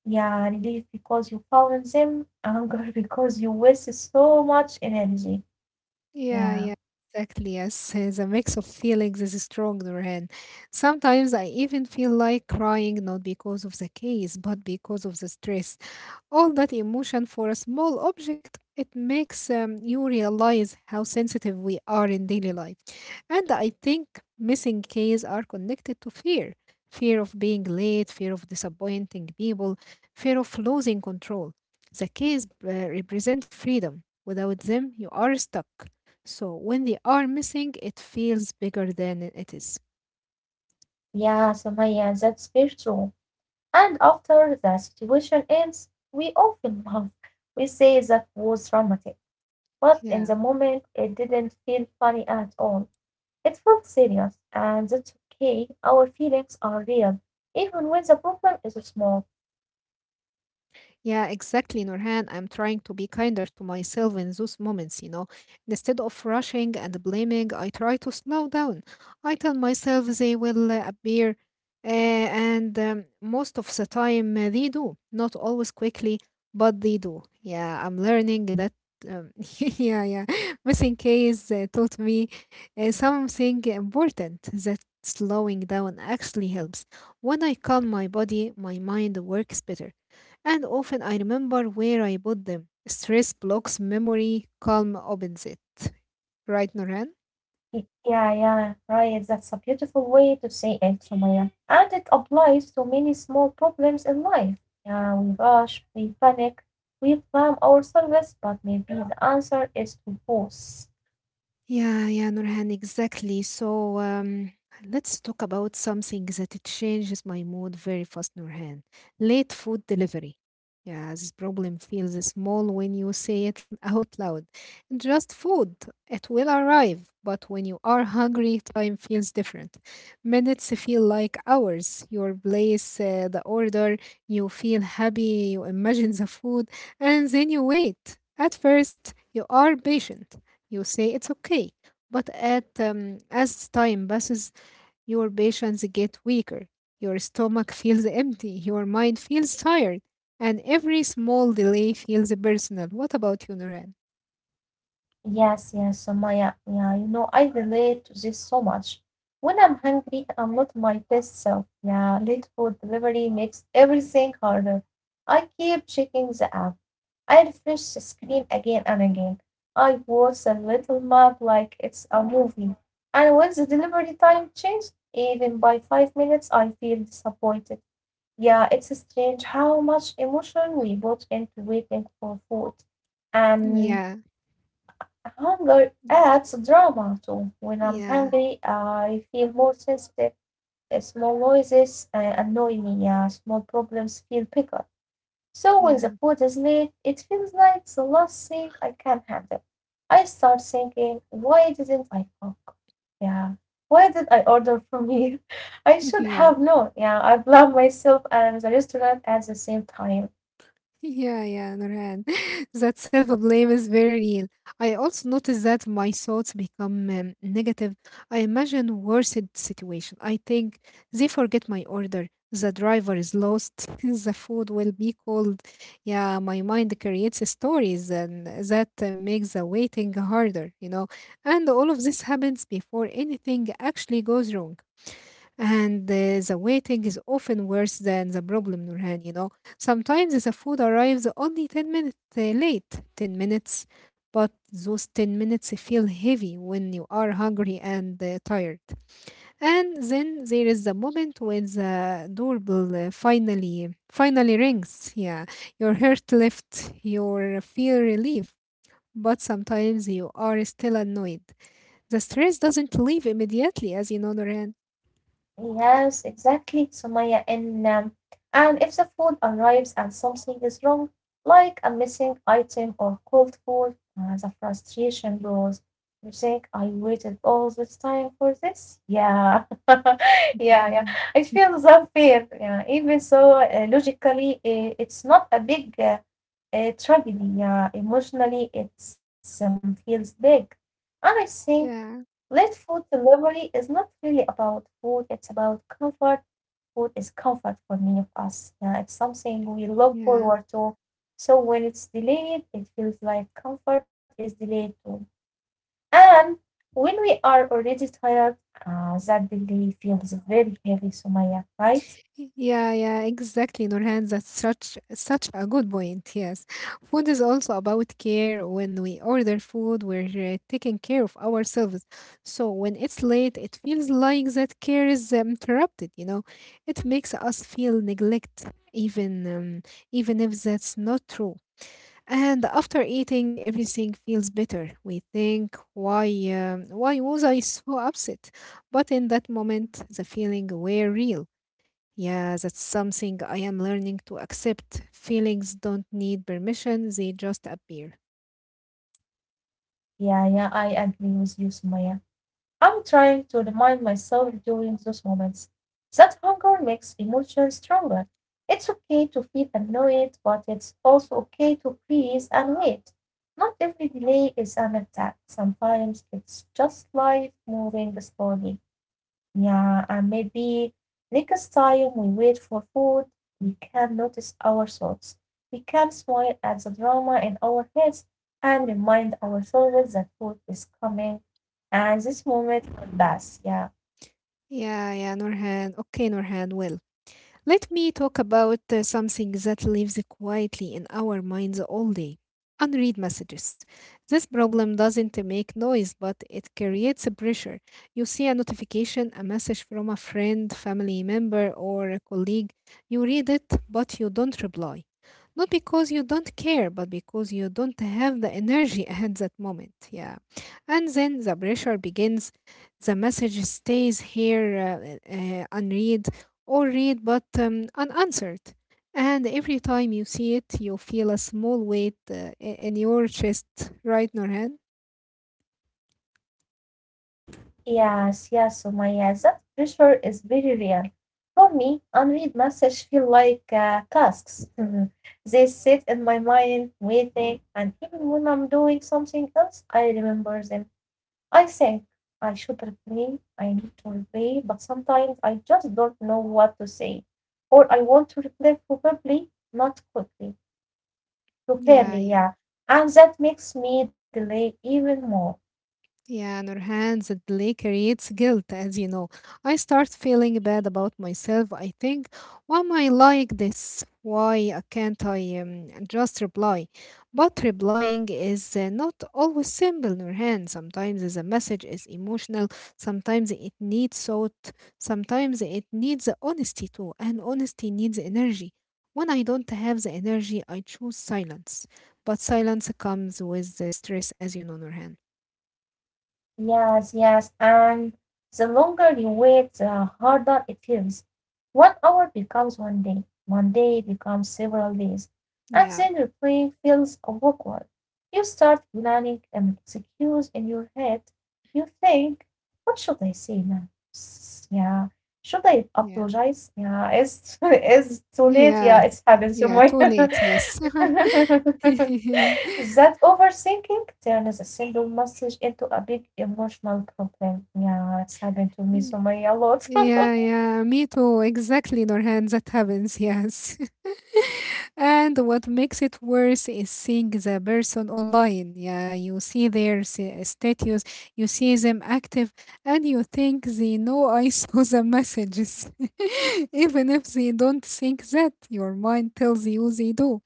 Speaker 2: Yeah, relief because you found them, anger because you wasted so much energy. Yeah,
Speaker 1: Yeah, yeah, exactly. Yes, uh, the mix of feelings is strong, Nurhan. Sometimes I even feel like crying, not because of the case, but because of the stress. All that emotion for a small object, it makes um, you realize how sensitive we are in daily life. And I think missing keys are connected to fear, fear of being late, fear of disappointing people, fear of losing control. The keys uh, represent freedom. Without them, you are stuck. So when they are missing, it feels bigger than it is.
Speaker 2: yeah, Samaya, that's very true. And after the situation ends, we often laugh. We say that was dramatic, but in the
Speaker 1: Yeah.
Speaker 2: moment it didn't feel funny at all. It felt serious, and that's okay. Our feelings are real, even when the problem is small.
Speaker 1: Yeah, exactly, Nurhan. I'm trying to be kinder to myself in those moments, you know. Instead of rushing and blaming, I try to slow down. I tell myself they will uh, appear, uh, and um, most of the time uh, they do. Not always quickly, but they do. Yeah, I'm learning that. Um, yeah, yeah. Missing case uh, taught me uh, something important, that slowing down actually helps. When I calm my body, my mind works better, and often I remember where I bought them. Stress blocks memory, calm opens it. Right, Norhan?
Speaker 2: Y- Yeah, yeah, right. That's a beautiful way to say it, Sumaya. And it applies to many small problems in life. Yeah, we rush, we panic, we blame ourselves, but maybe the answer is to pause.
Speaker 1: Yeah, yeah, Nurhan, exactly. So um, let's talk about something that it changes my mood very fast, Nurhan. Late food delivery. Yeah, this problem feels small when you say it out loud. Just food, it will arrive. But when you are hungry, time feels different. Minutes feel like hours. Your place, uh, the order, you feel happy, you imagine the food, and then you wait. At first, you are patient. You say it's okay. But at, um, as time passes, your patience get weaker. Your stomach feels empty. Your mind feels tired. And every small delay feels personal. What about you, Nuran?
Speaker 2: Yes, yes, Sumaya. Yeah, you know, I relate to this so much. When I'm hungry, I'm not my best self. Yeah, late food delivery makes everything harder. I keep checking the app. I refresh the screen again and again. I watch a little map like it's a movie. And when the delivery time changes, even by five minutes, I feel disappointed. Yeah, it's strange how much emotion we put into waiting for food. And
Speaker 1: Yeah.
Speaker 2: hunger adds drama too. When I'm
Speaker 1: Yeah.
Speaker 2: hungry, I feel more sensitive. Uh, Small noises uh, annoy me, uh, small problems feel bigger. So when the
Speaker 1: Yeah.
Speaker 2: food is late, it feels like the last thing I can handle. I start thinking, why didn't I cook? Yeah, why did I order from here? I should have
Speaker 1: Yeah.
Speaker 2: known. Yeah, I blame myself and the restaurant at the same time.
Speaker 1: Yeah, yeah, Nurhan. That self-blame is very real. I also notice that my thoughts become um, negative. I imagine worse situation. I think they forget my order. The driver is lost. The food will be cold. Yeah, my mind creates stories, and that uh, makes the waiting harder, you know. And all of this happens before anything actually goes wrong. And uh, the waiting is often worse than the problem, Nurhan. You know, sometimes the food arrives only ten minutes uh, late, ten minutes, but those ten minutes feel heavy when you are hungry and uh, tired. And then there is the moment when the doorbell uh, finally finally rings. Yeah, your heart lifts, your feel relief, but sometimes you are still annoyed. The stress doesn't leave immediately, as you know, Nurhan.
Speaker 2: Yes, exactly, Sumaya. And um, and if the food arrives and something is wrong, like a missing item or cold food, uh, the frustration grows. You think, I waited all this time for this? Yeah, yeah, yeah.
Speaker 1: Mhm.
Speaker 2: It feels unfair. Yeah, even so, uh, logically, uh, it's not a big uh, uh, tragedy. Yeah, emotionally, it's um feels big, and I think
Speaker 1: Yeah,
Speaker 2: late food delivery is not really about food, it's about comfort. Food is comfort for many of us. Yeah, it's something we look
Speaker 1: yeah,
Speaker 2: forward to. So when it's delayed, it feels like comfort is delayed too. And when we are already tired, uh, that delay feels very heavy, Sumaya, right?
Speaker 1: yeah, yeah, exactly, Nurhan. That's such such a good point. Yes, food is also about care. When we order food, we're uh, taking care of ourselves. So when it's late, it feels like that care is um, interrupted. You know, it makes us feel neglect, even um, even if that's not true. And after eating, everything feels better. We think, why, um, why was I so upset? But in that moment, the feeling were real. Yeah, that's something I am learning to accept. Feelings don't need permission; they just appear.
Speaker 2: Yeah, yeah, I agree with you, Sumaya. I'm trying to remind myself during those moments that hunger makes emotions stronger. It's okay to feel annoyed, but it's also okay to breathe and wait. Not every delay is an attack. Sometimes it's just life moving slowly. Yeah, and maybe next time we wait for food, we can notice our thoughts. We can smile at the drama in our heads and remind ourselves that food is coming and this moment will pass. Yeah.
Speaker 1: Yeah, yeah, Nurhan. Okay, Nurhan. Well, let me talk about uh, something that lives quietly in our minds all day, unread messages. This problem doesn't make noise, but it creates a pressure. You see a notification, a message from a friend, family member, or a colleague. You read it, but you don't reply. Not because you don't care, but because you don't have the energy at that moment. Yeah. And then the pressure begins, the message stays here uh, uh, unread, or read but um, unanswered. And every time you see it, you feel a small weight uh, i- in your chest, right, Norhan?
Speaker 2: Yes, yes, Sumaya, that pressure is very real. For me, unread messages feel like uh, tasks. They sit in my mind, waiting, and even when I'm doing something else, I remember them. I think I should replay, I need to replay, but sometimes I just don't know what to say. Or I want to replay probably, not quickly,
Speaker 1: Yeah,
Speaker 2: properly,
Speaker 1: yeah.
Speaker 2: yeah. And that makes me delay even more.
Speaker 1: Yeah, Nurhan, that delay creates guilt, as you know. I start feeling bad about myself. I think, why am I like this? Why uh, can't I um, just reply? But replying is uh, not always simple, Nurhan. Sometimes the message is emotional, sometimes it needs thought, sometimes it needs honesty too, and honesty needs energy. When I don't have the energy, I choose silence. But silence comes with the stress, as you know, Nurhan.
Speaker 2: Yes, yes, and the longer you wait, the harder it feels. One hour becomes one day, one day becomes several days, and
Speaker 1: Yeah.
Speaker 2: then the plan feels awkward. You start planning an excuse in your head. You think, "What should I say now? S- Yeah, should I
Speaker 1: Yeah.
Speaker 2: apologize?" Yeah, it's it's too late. Yeah,
Speaker 1: Yeah.
Speaker 2: it's happened to
Speaker 1: Yeah.
Speaker 2: me.
Speaker 1: Too late. Yes.
Speaker 2: That overthinking turns a single message into a big emotional problem. Yeah, it's happened to me so
Speaker 1: Yeah.
Speaker 2: many a lot.
Speaker 1: Yeah, yeah, me too. Exactly, Norhan, that happens, yes. And what makes it worse is seeing the person online. Yeah, you see their s- uh, status, you see them active, and you think they know I saw the messages. Even if they don't think that, your mind tells you they do.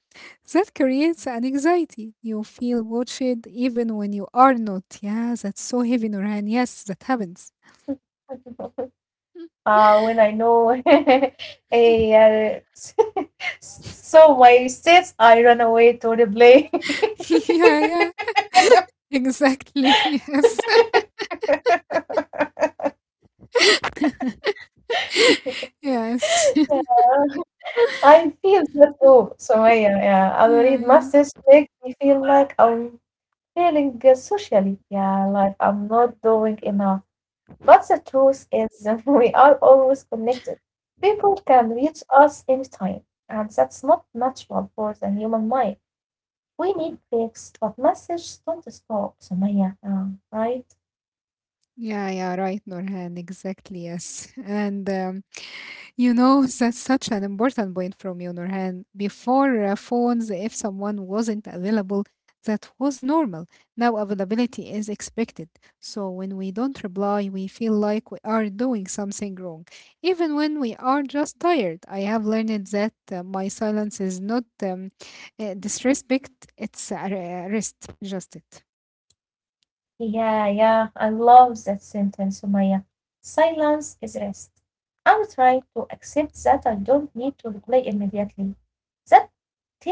Speaker 1: That creates an anxiety. You feel watched even when you are not. Yeah, that's so heavy, Norhan. Yes, that happens.
Speaker 2: uh, When I know a, uh, so my states, I run away to the play.
Speaker 1: Yeah, yeah. Exactly. Yes. Yes.
Speaker 2: I feel that too. So I, yeah, yeah. Already
Speaker 1: Yeah.
Speaker 2: my
Speaker 1: Yeah.
Speaker 2: states make me feel like I'm failing uh, socially. Yeah, like I'm not doing enough. But the truth is, we are always connected. People can reach us anytime, and that's not natural for the human mind. We need breaks, but messages don't stop. So yeah, um, right?
Speaker 1: Yeah. Yeah. Right, Norhan. Exactly. Yes. And um, You know, that's such an important point from you, Nurhan. Before uh, phones, if someone wasn't available, that was normal. Now availability is expected. So when we don't reply, we feel like we are doing something wrong. Even when we are just tired, I have learned that uh, my silence is not um, uh, disrespect, it's uh, rest, just it.
Speaker 2: Yeah, yeah, I love that sentence, Sumaya. Silence is rest. I'm trying to accept that I don't need to reply immediately. That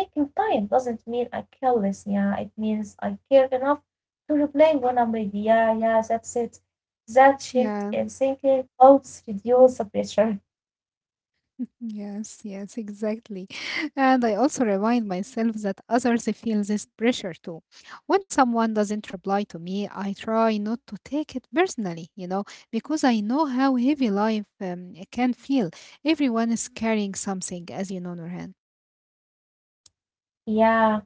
Speaker 2: taking time doesn't mean I careless, yeah. It means I care enough to reply when I'm ready. Yeah, yeah, that's it. That shift
Speaker 1: Yeah.
Speaker 2: in thinking helps reduce the pressure.
Speaker 1: Yes, yes, exactly. And I also remind myself that others feel this pressure too. When someone doesn't reply to me, I try not to take it personally, you know, because I know how heavy life um, it can feel. Everyone is carrying something, as you know, Nurhan.
Speaker 2: Yeah.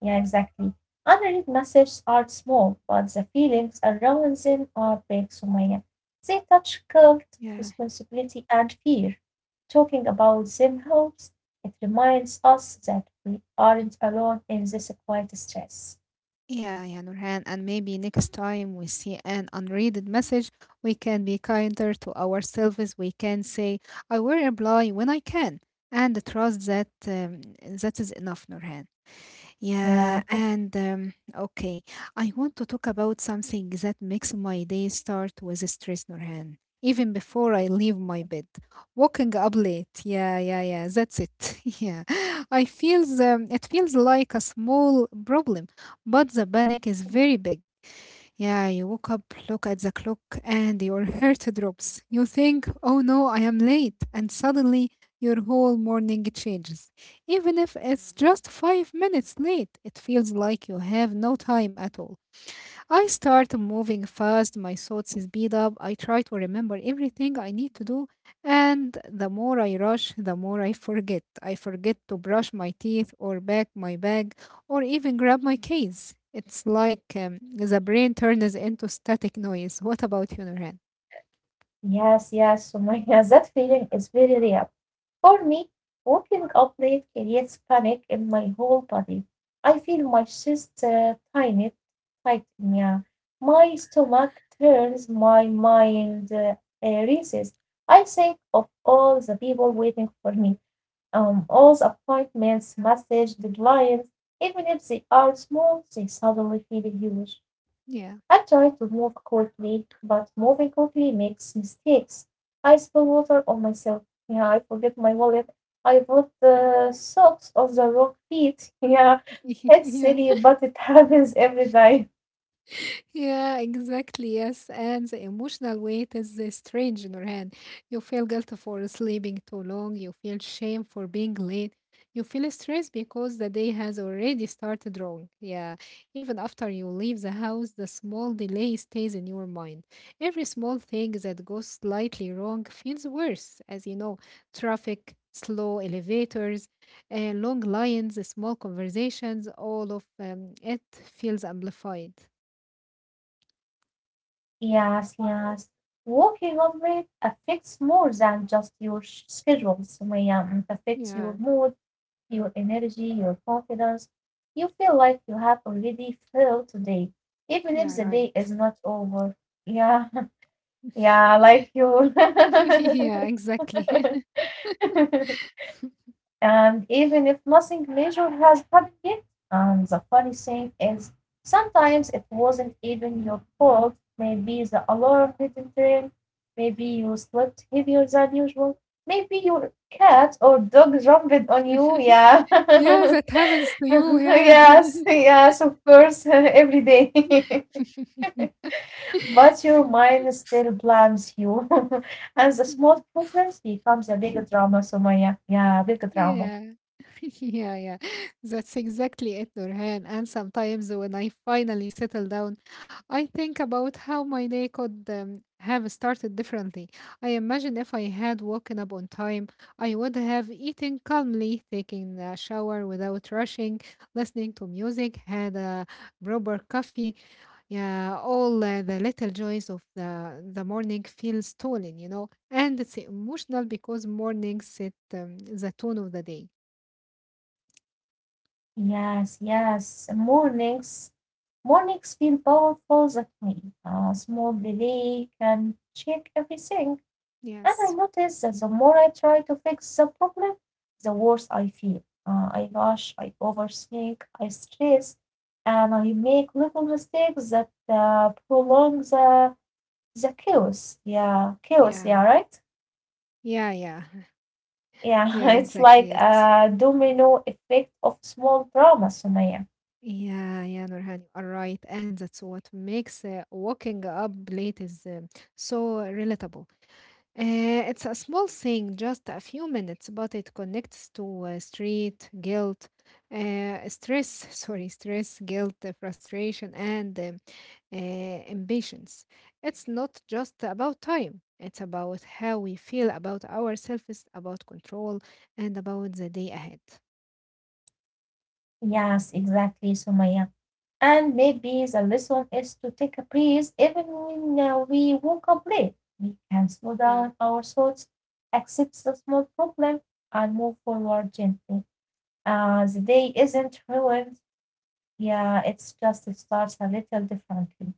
Speaker 2: Yeah, exactly. Underneath messages are small, but the feelings around them are big, Sumaya. They touch guilt,
Speaker 1: Yeah.
Speaker 2: responsibility, and fear. Talking about them helps. It reminds us that we aren't alone in this quiet stress.
Speaker 1: Yeah, yeah, Nurhan. And maybe next time we see an unread message, we can be kinder to ourselves. We can say, I will reply when I can. And trust that um, that is enough, Nurhan. Yeah,
Speaker 2: Yeah.
Speaker 1: and um, okay, I want to talk about something that makes my day start with a stress, Nurhan. Even before I leave my bed, waking up late. Yeah, yeah, yeah. That's it. Yeah, I feels um, it feels like a small problem, but the panic is very big. Yeah, you woke up, look at the clock, and your heart drops. You think, oh no, I am late. And suddenly your whole morning changes. Even if it's just five minutes late, it feels like you have no time at all. I start moving fast, my thoughts speed up, I try to remember everything I need to do, and the more I rush, the more I forget. I forget to brush my teeth or pack my bag or even grab my keys. It's like um, the brain turns into static noise. What about you, Nurhan?
Speaker 2: Yes, yes, Sumaya. That feeling is very real. For me, waking up late creates panic in my whole body. I feel my chest uh, tighten, tighten, yeah. My stomach turns, my mind uh, uh, races. I think of all the people waiting for me, um, all the appointments, messages, deadlines. Even if they are small, they suddenly feel huge. I
Speaker 1: Yeah.
Speaker 2: try to move quickly, but moving quickly makes mistakes. I spill water on myself. Yeah, I forget my wallet. I put the socks on the wrong feet. Yeah, it's
Speaker 1: Yeah.
Speaker 2: silly, but it happens every time.
Speaker 1: Yeah, exactly. Yes. And the emotional weight is uh, strange, Nurhan. You feel guilty for sleeping too long. You feel shame for being late. You feel stressed because the day has already started wrong. Yeah. Even after you leave the house, the small delay stays in your mind. Every small thing that goes slightly wrong feels worse, as you know, traffic, slow elevators, uh, long lines, small conversations, all of um, it feels amplified.
Speaker 2: Yes, yes. Walking on red affects more than just your sh- schedule. So, yeah, mm, it affects your
Speaker 1: Yeah,
Speaker 2: mood, your energy, your confidence. You feel like you have already failed today, even
Speaker 1: yeah,
Speaker 2: if the
Speaker 1: right.
Speaker 2: day is not over. Yeah. Yeah, like you.
Speaker 1: Yeah, exactly.
Speaker 2: And even if nothing major has happened yet, and the funny thing is, sometimes it wasn't even your fault. Maybe the alarm didn't ring. Maybe you slept heavier than usual. Maybe your cat or dog jumped on you. Yeah.
Speaker 1: Yeah, that happens to you. Yeah.
Speaker 2: Yes, yes, of course, every day.
Speaker 1: Yeah.
Speaker 2: But your mind still blames you, and the small problems becomes a big drama, Sumaya. Yeah, big drama.
Speaker 1: Yeah, yeah, yeah, that's exactly it, Nurhan. And sometimes when I finally settle down, I think about how my day could um, have started differently. I imagine if I had woken up on time, I would have eaten calmly, taken a shower without rushing, listening to music, had a proper coffee. Yeah, all uh, the little joys of the the morning feel stolen, you know. And it's emotional because mornings set um, the tone of the day.
Speaker 2: Yes, yes. Mornings, mornings feel powerful that way. A small delay can shake everything. And I
Speaker 1: Yes.
Speaker 2: notice that the more I try to fix the problem, the worse I feel. Uh, I rush, I overthink, I stress, and I make little mistakes that uh, prolong the The chaos, yeah, chaos, yeah,
Speaker 1: Yeah,
Speaker 2: right?
Speaker 1: yeah, yeah,
Speaker 2: Yeah,
Speaker 1: yeah,
Speaker 2: it's like
Speaker 1: exactly. Yes.
Speaker 2: a
Speaker 1: Mm.
Speaker 2: domino effect of small drama, Sumaya.
Speaker 1: Yeah, yeah, Nurhan, you are right. And that's what makes uh, waking up late is um so relatable. Uh, it's a small thing, just a few minutes, but it connects to uh, street, guilt, uh, stress, sorry, stress, guilt, uh, frustration, and um, uh, impatience. It's not just about time, it's about how we feel about ourselves, about control, and about the day ahead.
Speaker 2: Yes, exactly, Sumaya. And maybe the lesson is to take a breath even when uh, we woke up late. We can slow down
Speaker 1: Yeah.
Speaker 2: our thoughts, accept the small problem, and move forward gently. Uh, the day isn't ruined. Yeah, it's just it starts a little differently.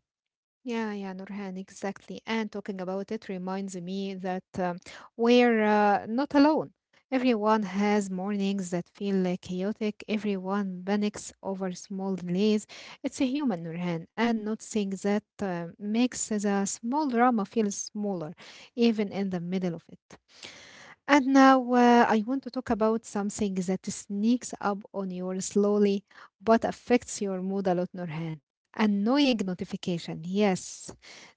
Speaker 1: Yeah, yeah, Nurhan, exactly. And talking about it reminds me that um, we're uh, not alone. Everyone has mornings that feel uh, chaotic. Everyone panics over small delays. It's a human, Nurhan, and noticing that uh, makes the small drama feel smaller, even in the middle of it. And now uh, I want to talk about something that sneaks up on you slowly but affects your mood a lot, Nurhan. Annoying notification. Yes,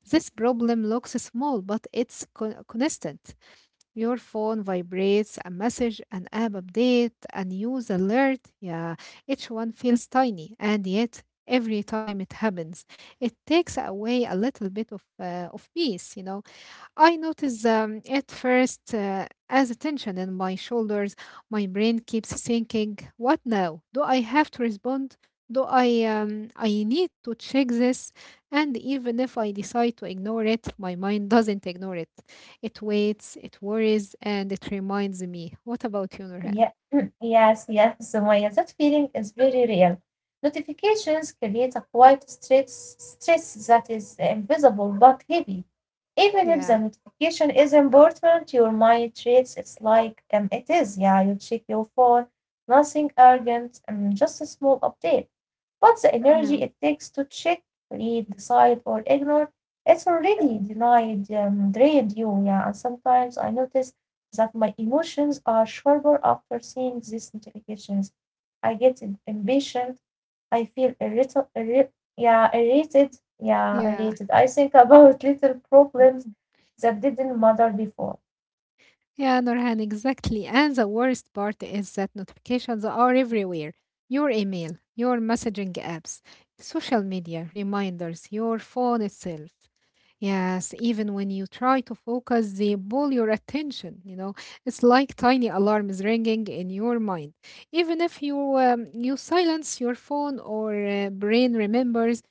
Speaker 1: this problem looks small, but it's con- constant. Your phone vibrates, a message, an app update, a news alert. Yeah, each one feels tiny, and yet every time it happens, it takes away a little bit of uh, of peace. You know, I notice um, at first uh, as a tension in my shoulders. My brain keeps thinking, "What now? Do I have to respond? Do I um, I need to check this?" And even if I decide to ignore it, my mind doesn't ignore it. It waits, it worries, and it reminds me. What about you, Nurhan?
Speaker 2: Yeah, yes, yes, Sumaya, that feeling is very real. Notifications create a quiet stress, stress that is invisible but heavy. Even if the
Speaker 1: Yeah,
Speaker 2: notification is important, your mind treats it like um, it is. Yeah, you check your phone, nothing urgent, um, just a small update. But the
Speaker 1: yeah,
Speaker 2: energy it takes to check, read, decide, or ignore, it's already denied, um, drained you. Yeah, and sometimes I notice that my emotions are sharper after seeing these notifications. I get im- impatient. I feel irrita- irri- yeah, irritated. Yeah,
Speaker 1: yeah.
Speaker 2: irritated. I think about little problems that didn't matter before.
Speaker 1: Yeah, Nurhan, exactly. And the worst part is that notifications are everywhere. Your email, your messaging apps, social media, reminders, your phone itself. Yes, even when you try to focus, they pull your attention. You know, it's like tiny alarms ringing in your mind. Even if you um, you silence your phone or uh, brain remembers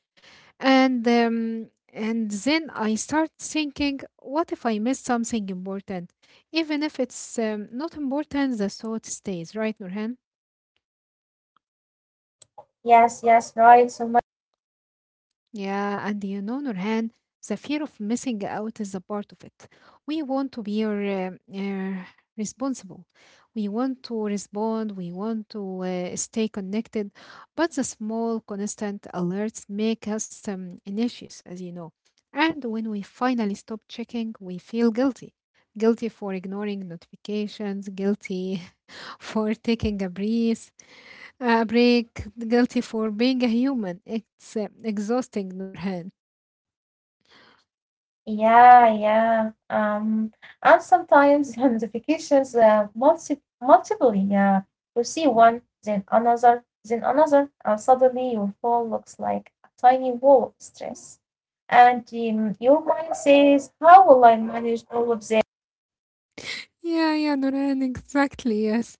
Speaker 1: and um, and then I start thinking, what if I miss something important? Even if it's um, not important, the thought stays, right, Nurhan?
Speaker 2: Yes, yes, right, Sumaya.
Speaker 1: Yeah, and you know, Nurhan, the fear of missing out is a part of it. We want to be uh, uh, responsible. We want to respond. We want to uh, stay connected. But the small, constant alerts make us um, anxious, as you know. And when we finally stop checking, we feel guilty. Guilty for ignoring notifications, guilty for taking a breath, a break, guilty for being a human. It's uh, exhausting, Nurhan.
Speaker 2: Yeah, yeah. Um, and sometimes notifications uh, multi multiply. Yeah, you see one, then another, then another, and suddenly your phone looks like a tiny wall of stress. And um, your mind says, "How will I manage all of this?"
Speaker 1: Yeah, yeah, Noran, exactly, yes.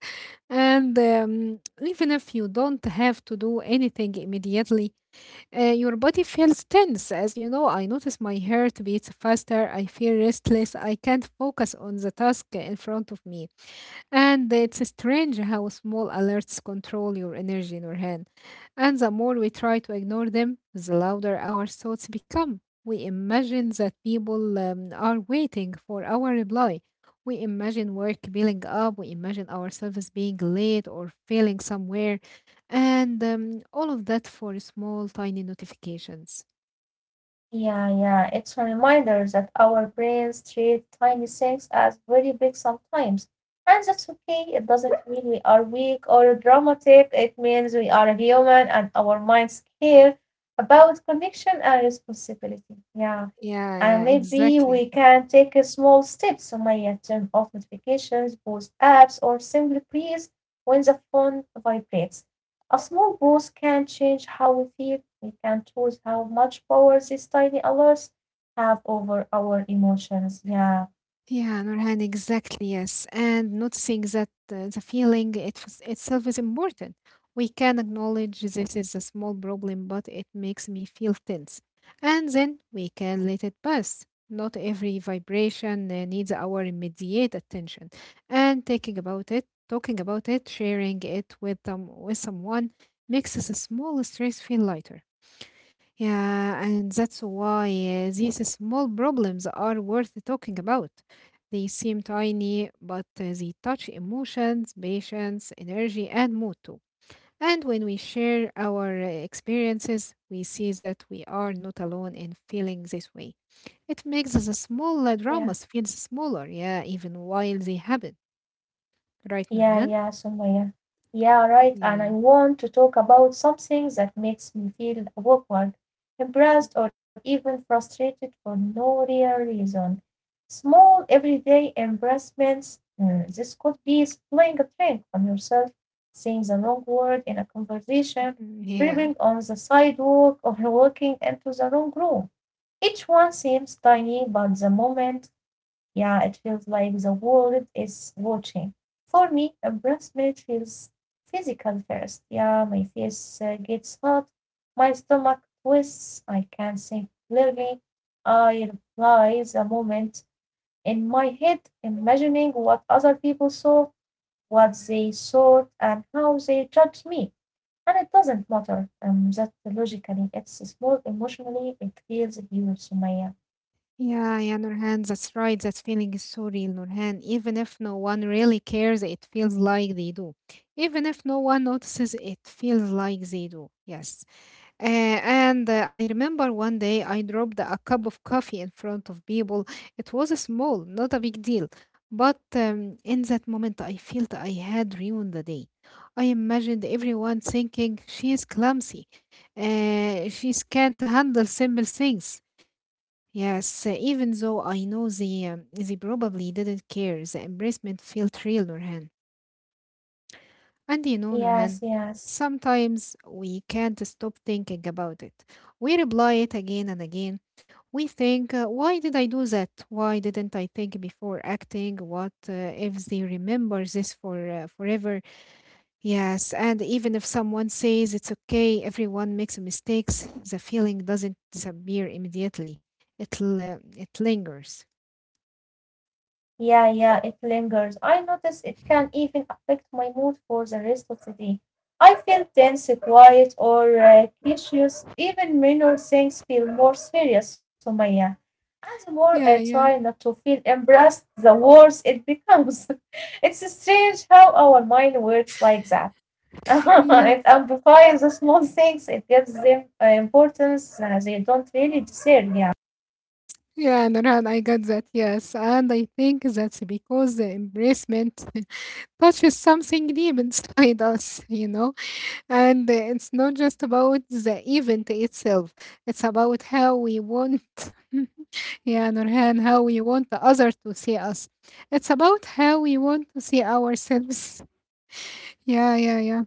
Speaker 1: And um, Even if you don't have to do anything immediately, uh, your body feels tense. As you know, I notice my heart beats faster, I feel restless, I can't focus on the task in front of me. And it's strange how small alerts control your energy, Nurhan. And the more we try to ignore them, the louder our thoughts become. We imagine that people um, are waiting for our reply. We imagine work building up. We imagine ourselves being late or failing somewhere. And um, all of that for small, tiny notifications.
Speaker 2: Yeah, yeah. It's a reminder that our brains treat tiny things as very big sometimes. And that's okay. It doesn't mean we are weak or dramatic. It means we are human and our minds care about connection and responsibility. Yeah.
Speaker 1: Yeah,
Speaker 2: And
Speaker 1: yeah,
Speaker 2: maybe we
Speaker 1: exactly.
Speaker 2: can take a small step. So Maya, turn off notifications, pause apps, or simply freeze when the phone vibrates. A small pause can change how we feel. We can choose how much power these tiny alerts have over our emotions. Yeah,
Speaker 1: Yeah, Nurhan, exactly, yes. And noticing that uh, the feeling it f- itself is important. We can acknowledge this is a small problem, but it makes me feel tense. And then we can let it pass. Not every vibration uh, needs our immediate attention. And thinking about it, talking about it, sharing it with, um, with someone makes the small stress feel lighter. Yeah, and that's why uh, these small problems are worth talking about. They seem tiny, but uh, they touch emotions, patience, energy, and mood too. And when we share our uh, experiences, we see that we are not alone in feeling this way. It makes the small uh,
Speaker 2: yeah.
Speaker 1: dramas feel smaller, yeah, even while they happen. Right,
Speaker 2: Yeah,
Speaker 1: Nurhan?
Speaker 2: yeah, Sumaya. Yeah, right. And I
Speaker 1: Yeah.
Speaker 2: want to talk about something that makes me feel awkward, embarrassed, or even frustrated for no real reason. Small everyday embarrassments. Mm, this could be spilling a drink on yourself, saying the wrong word in a conversation,
Speaker 1: Yeah.
Speaker 2: tripping on the sidewalk, or walking into the wrong room. Each one seems tiny, but the moment, yeah, it feels like the world is watching. For me, a breast minute feels physical first. Yeah, my face uh, gets hot, my stomach twists, I can't think clearly. I reply the moment in my head, imagining what other people saw, what they thought, and how they judged me. And it doesn't matter um, that logically, it's small emotionally, it feels huge, Sumaya.
Speaker 1: Yeah, yeah, Nurhan, that's right. That feeling is so real, Nurhan. Even if no one really cares, it feels like they do. Even if no one notices, it feels like they do. Yes. Uh, and uh, I remember one day I dropped a cup of coffee in front of people. It was small, not a big deal. But um, in that moment, I felt I had ruined the day. I imagined everyone thinking she is clumsy. Uh, she can't handle simple things. Yes, uh, even though I know they, um, they probably didn't care, the embarrassment felt real, Nurhan. And you know,
Speaker 2: Yes,
Speaker 1: Nurhan,
Speaker 2: yes.
Speaker 1: sometimes we can't stop thinking about it. We reply it again and again. We think, uh, why did I do that? Why didn't I think before acting? What uh, if they remember this for uh, forever? Yes, and even if someone says it's okay, everyone makes mistakes, the feeling doesn't disappear immediately. It, l- it lingers.
Speaker 2: Yeah, yeah, it lingers. I notice it can even affect my mood for the rest of the day. I feel tense, quiet, or uh, anxious. Even minor things feel more serious, Sumaya. And the more
Speaker 1: Yeah,
Speaker 2: I
Speaker 1: yeah,
Speaker 2: try not to feel embarrassed, the worse it becomes. It's strange how our mind works like that. It
Speaker 1: yes,
Speaker 2: amplifies the small things, it gives them uh, importance uh, they don't really deserve, yeah.
Speaker 1: yeah, Nurhan, I got that, yes. And I think that's because the embracement touches something deep inside us, you know? And uh, it's not just about the event itself, it's about how we want, yeah, Nurhan, how we want the other to see us. It's about how we want to see ourselves. Yeah, yeah, yeah.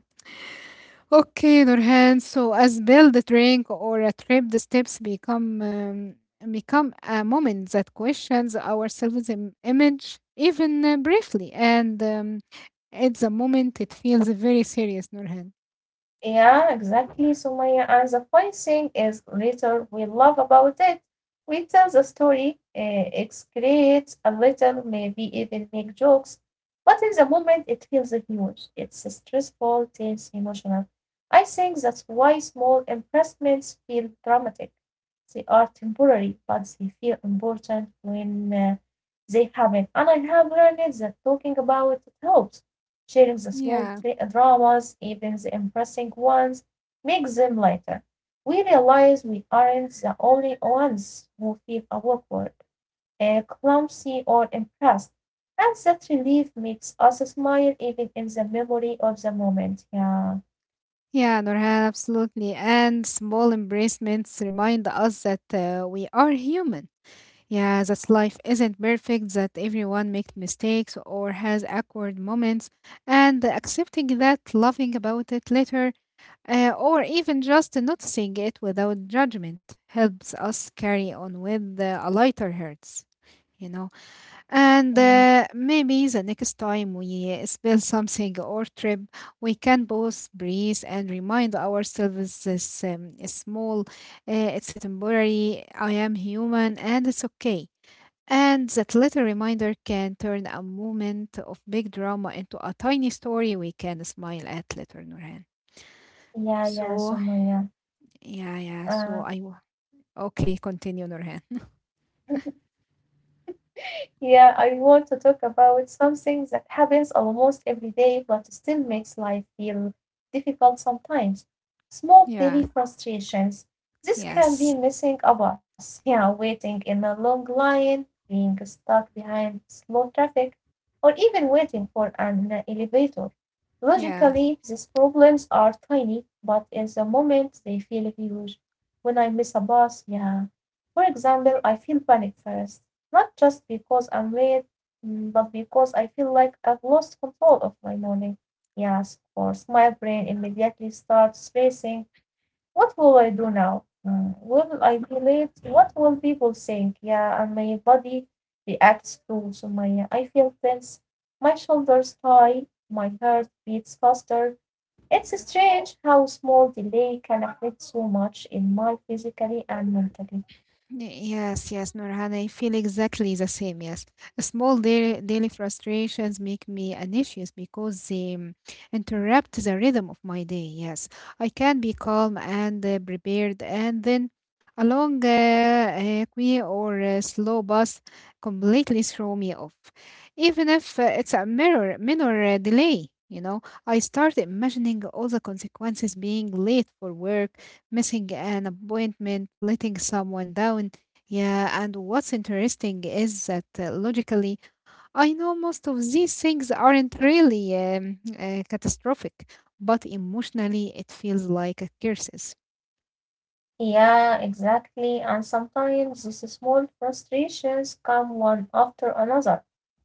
Speaker 1: Okay, Nurhan. So, as build a drink or a trip, the steps become um, become a moment that questions our self-image, even uh, briefly, and um, it's a moment it feels very serious, Nurhan.
Speaker 2: Yeah, exactly, Sumaya. And the funny thing is, later we love about it. We tell the story, uh, excrete a little, maybe even make jokes. But in the moment, it feels huge. It's stressful, tense, emotional. I think that's why small impressments feel dramatic. They are temporary, but they feel important when uh, they happen. And I have learned that talking about it helps. Sharing the small
Speaker 1: Yeah,
Speaker 2: dramas, even the embarrassing ones, makes them lighter. We realize we aren't the only ones who feel awkward, uh, clumsy, or impressed, and that relief makes us smile even in the memory of the moment. Yeah,
Speaker 1: yeah, Nurhan, absolutely. And small embracements remind us that uh, we are human. Yeah, that life isn't perfect, that everyone makes mistakes or has awkward moments, and accepting that, laughing about it later, uh, or even just noticing it without judgment helps us carry on with uh, a lighter hearts, you know.
Speaker 2: yeah,
Speaker 1: And uh, maybe the next time we spill something or trip, we can both breathe and remind ourselves this um, is small, uh, it's temporary, I am human, and it's okay and that little reminder can turn a moment of big drama into a tiny story we can smile at later, Nurhan.
Speaker 2: yeah, yeah,
Speaker 1: So,
Speaker 2: Sumaya.
Speaker 1: yeah, yeah. So
Speaker 2: Uh,
Speaker 1: I, w- okay, continue, Nurhan.
Speaker 2: Yeah, I want to talk about something that happens almost every day but still makes life feel difficult sometimes. Small daily
Speaker 1: Yeah,
Speaker 2: frustrations. This can be
Speaker 1: yes,
Speaker 2: missing a bus, yeah, waiting in a long line, being stuck behind slow traffic, or even waiting for an elevator.
Speaker 1: yeah.
Speaker 2: Logically, these problems are tiny, but in the moment they feel huge. When I miss a bus, yeah. For example, I feel panic first, not just because I'm late, mm, but because I feel like I've lost control of my morning. Yes, of course, my brain immediately starts racing. What will I do now? Mm, Will I be late? What will people think? Yeah, and my body reacts too, so, Sumaya. I feel tense. My shoulders high. My heart beats faster. It's strange how small delay can affect so much in my physically and mentally.
Speaker 1: Yes, yes, Nurhan, I feel exactly the same. Yes, small daily, daily frustrations make me anxious because they um, interrupt the rhythm of my day. Yes, I can be calm and uh, prepared, and then a long uh, uh, queue or a slow bus completely throw me off. Even if uh, it's a mirror, minor uh, delay, you know, I start imagining all the consequences: being late for work, missing an appointment, letting someone down. Yeah, and what's interesting is that uh, logically, I know most of these things aren't really um, uh, catastrophic, but emotionally, it feels like a curses.
Speaker 2: Yeah, exactly. And sometimes these small frustrations come one after another.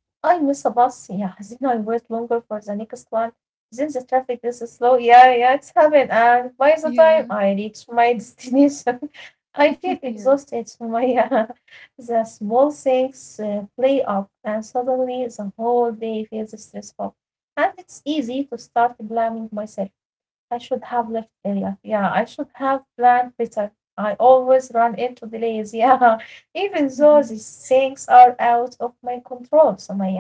Speaker 2: I miss a bus, yeah. Then I wait longer for the next one. Then the traffic is so slow. Yeah, yeah, it's happened. And by the time
Speaker 1: Yeah.
Speaker 2: I reach my destination, I feel
Speaker 1: Yeah.
Speaker 2: exhausted. So my uh, the small things uh, play up, and suddenly the whole day feels stressful. And it's easy to start blaming myself. I should have left earlier. Yeah, I should have planned better. I always run into delays. Yeah, even though
Speaker 1: Mhm.
Speaker 2: these things are out of my control, so, my. uh,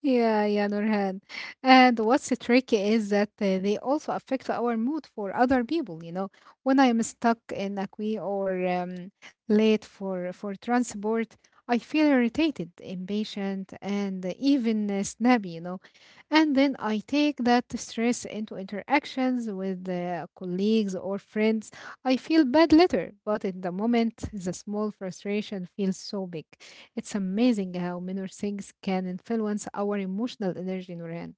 Speaker 1: Yeah, yeah, Nurhan. And what's tricky is that uh, they also affect our mood for other people. You know, when I am stuck in a queue or um, late for for transport, I feel irritated, impatient, and even uh, snappy. You know, and then I take that stress into interactions with uh, colleagues or friends. I feel bad later, but in the moment, the small frustration feels so big. It's amazing how minor things can influence our emotional energy, Nurhan.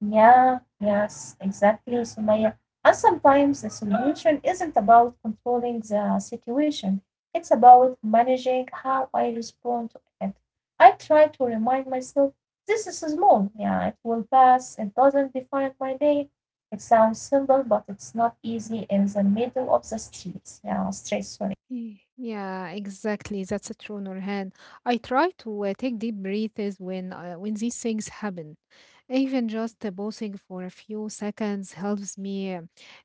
Speaker 2: Yeah, yes, exactly, Sumaya. And sometimes the solution isn't about controlling the situation, it's about managing how I respond to it. I try to remind myself, this is small, yeah, it will pass, it doesn't define my day. It sounds simple, but it's not easy in the middle of the streets. Yeah, stress, sorry.
Speaker 1: Y- Yeah, exactly. That's a true, Nurhan. I try to uh, take deep breaths when uh, when these things happen. Even just uh, pausing for a few seconds helps me uh,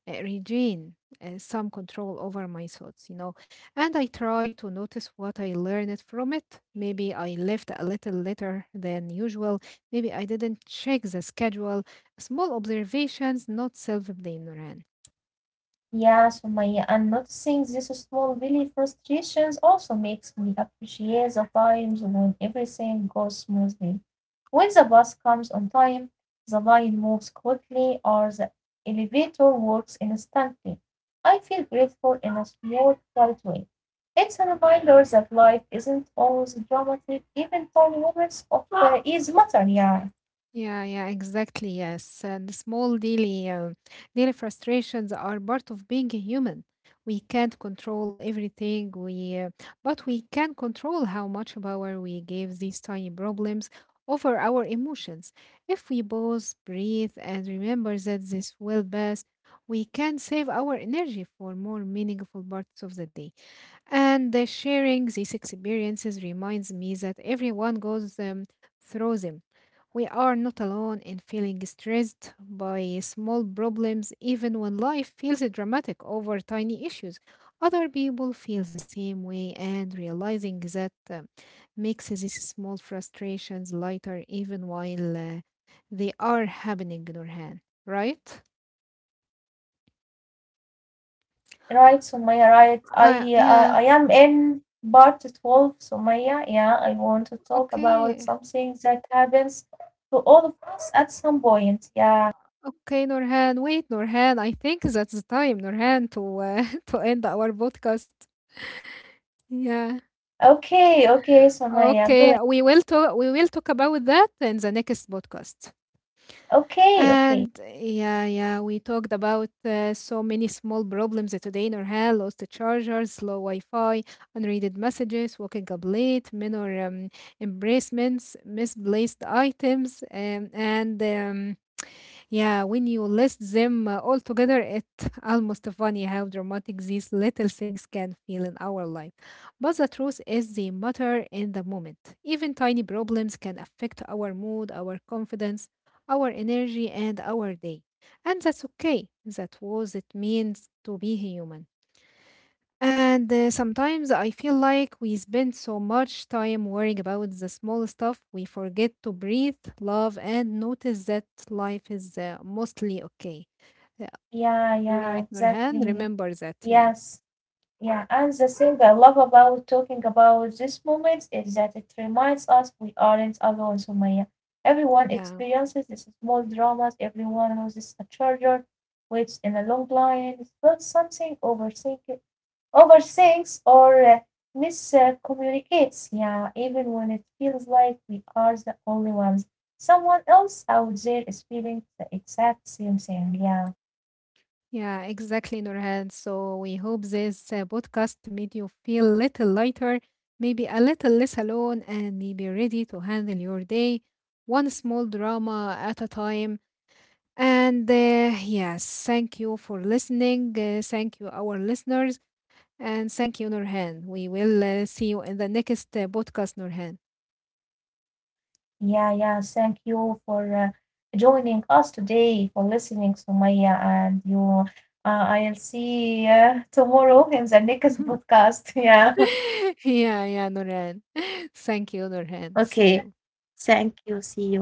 Speaker 1: uh, regain uh, some control over my thoughts, you know. And I try to notice what I learned from it. Maybe I left a little later than usual. Maybe I didn't check the schedule. Small observations, not self-blame, Nurhan.
Speaker 2: Yeah, Sumaya, and noticing these small daily frustrations also makes me appreciate the times when everything goes smoothly. When the bus comes on time, the line moves quickly, or the elevator works instantly. I feel grateful in a small, quiet way. It's a reminder that life isn't always dramatic, even though moments of uh, ease matter. Yeah.
Speaker 1: Yeah, yeah, exactly. Yes, and small daily, um, daily frustrations are part of being a human. We can't control everything. We, uh, but we can control how much power we give these tiny problems over our emotions. If we pause, breathe, and remember that this will pass, we can save our energy for more meaningful parts of the day. And the sharing these experiences reminds me that everyone goes um, through them. We are not alone in feeling stressed by small problems, even when life feels dramatic over tiny issues. Other people feel the same way, and realizing that uh, makes these small frustrations lighter, even while uh, they are happening, Nurhan. Right?
Speaker 2: Right, Sumaya, right.
Speaker 1: Uh,
Speaker 2: I, uh,
Speaker 1: yeah.
Speaker 2: I am in part twelve, Sumaya. Yeah, I want to talk about
Speaker 1: Okay.
Speaker 2: something that happens to all of us at some point. Yeah.
Speaker 1: Okay, Norhan. Wait, Norhan. I think that's the time, Norhan, to uh, to end our podcast. Yeah.
Speaker 2: Okay, okay, Sumaya, go ahead.
Speaker 1: Okay. We will talk. We will talk about that in the next podcast.
Speaker 2: Okay, okay.
Speaker 1: And yeah, yeah, we talked about uh, so many small problems today, Norhan. Lost chargers, slow Wi-Fi, unreaded messages, waking up late, minor um, embracements, misplaced items, um, and um, yeah, when you list them uh, all together, it's almost funny how dramatic these little things can feel in our life. But the truth is, they matter in the moment. Even tiny problems can affect our mood, our confidence, our energy, and our day. And that's okay. That was it means to be human. And uh, sometimes I feel like we spend so much time worrying about the small stuff, we forget to breathe, love, and notice that life is uh, mostly okay. Yeah,
Speaker 2: Yeah, yeah,
Speaker 1: right, Nurhan?
Speaker 2: exactly.
Speaker 1: Remember that, yeah.
Speaker 2: Yes, yeah. And the thing I love about talking about these moments is that it reminds us we aren't alone, Sumaya. Everyone
Speaker 1: Yeah,
Speaker 2: experiences these small dramas, everyone loses a charger, waits in a long line. It's not something overthink overthinks or uh, miscommunicates. Yeah, even when it feels like we are the only ones. Someone else out there is feeling the exact same thing. Yeah.
Speaker 1: yeah, exactly, Nurhan. So we hope this uh, podcast made you feel a little lighter, maybe a little less alone, and maybe ready to handle your day one small drama at a time. And uh, yes, thank you for listening. Uh, thank you, our listeners. And thank you, Nurhan. We will uh, see you in the next uh, podcast, Nurhan.
Speaker 2: Yeah, yeah. Thank you for uh, joining us today, for listening, Sumaya, and you. Uh, I'll see uh, tomorrow in the next podcast. Yeah.
Speaker 1: Yeah, yeah, Nurhan. Thank you, Nurhan.
Speaker 2: Okay.
Speaker 1: See you.
Speaker 2: Thank you. See you.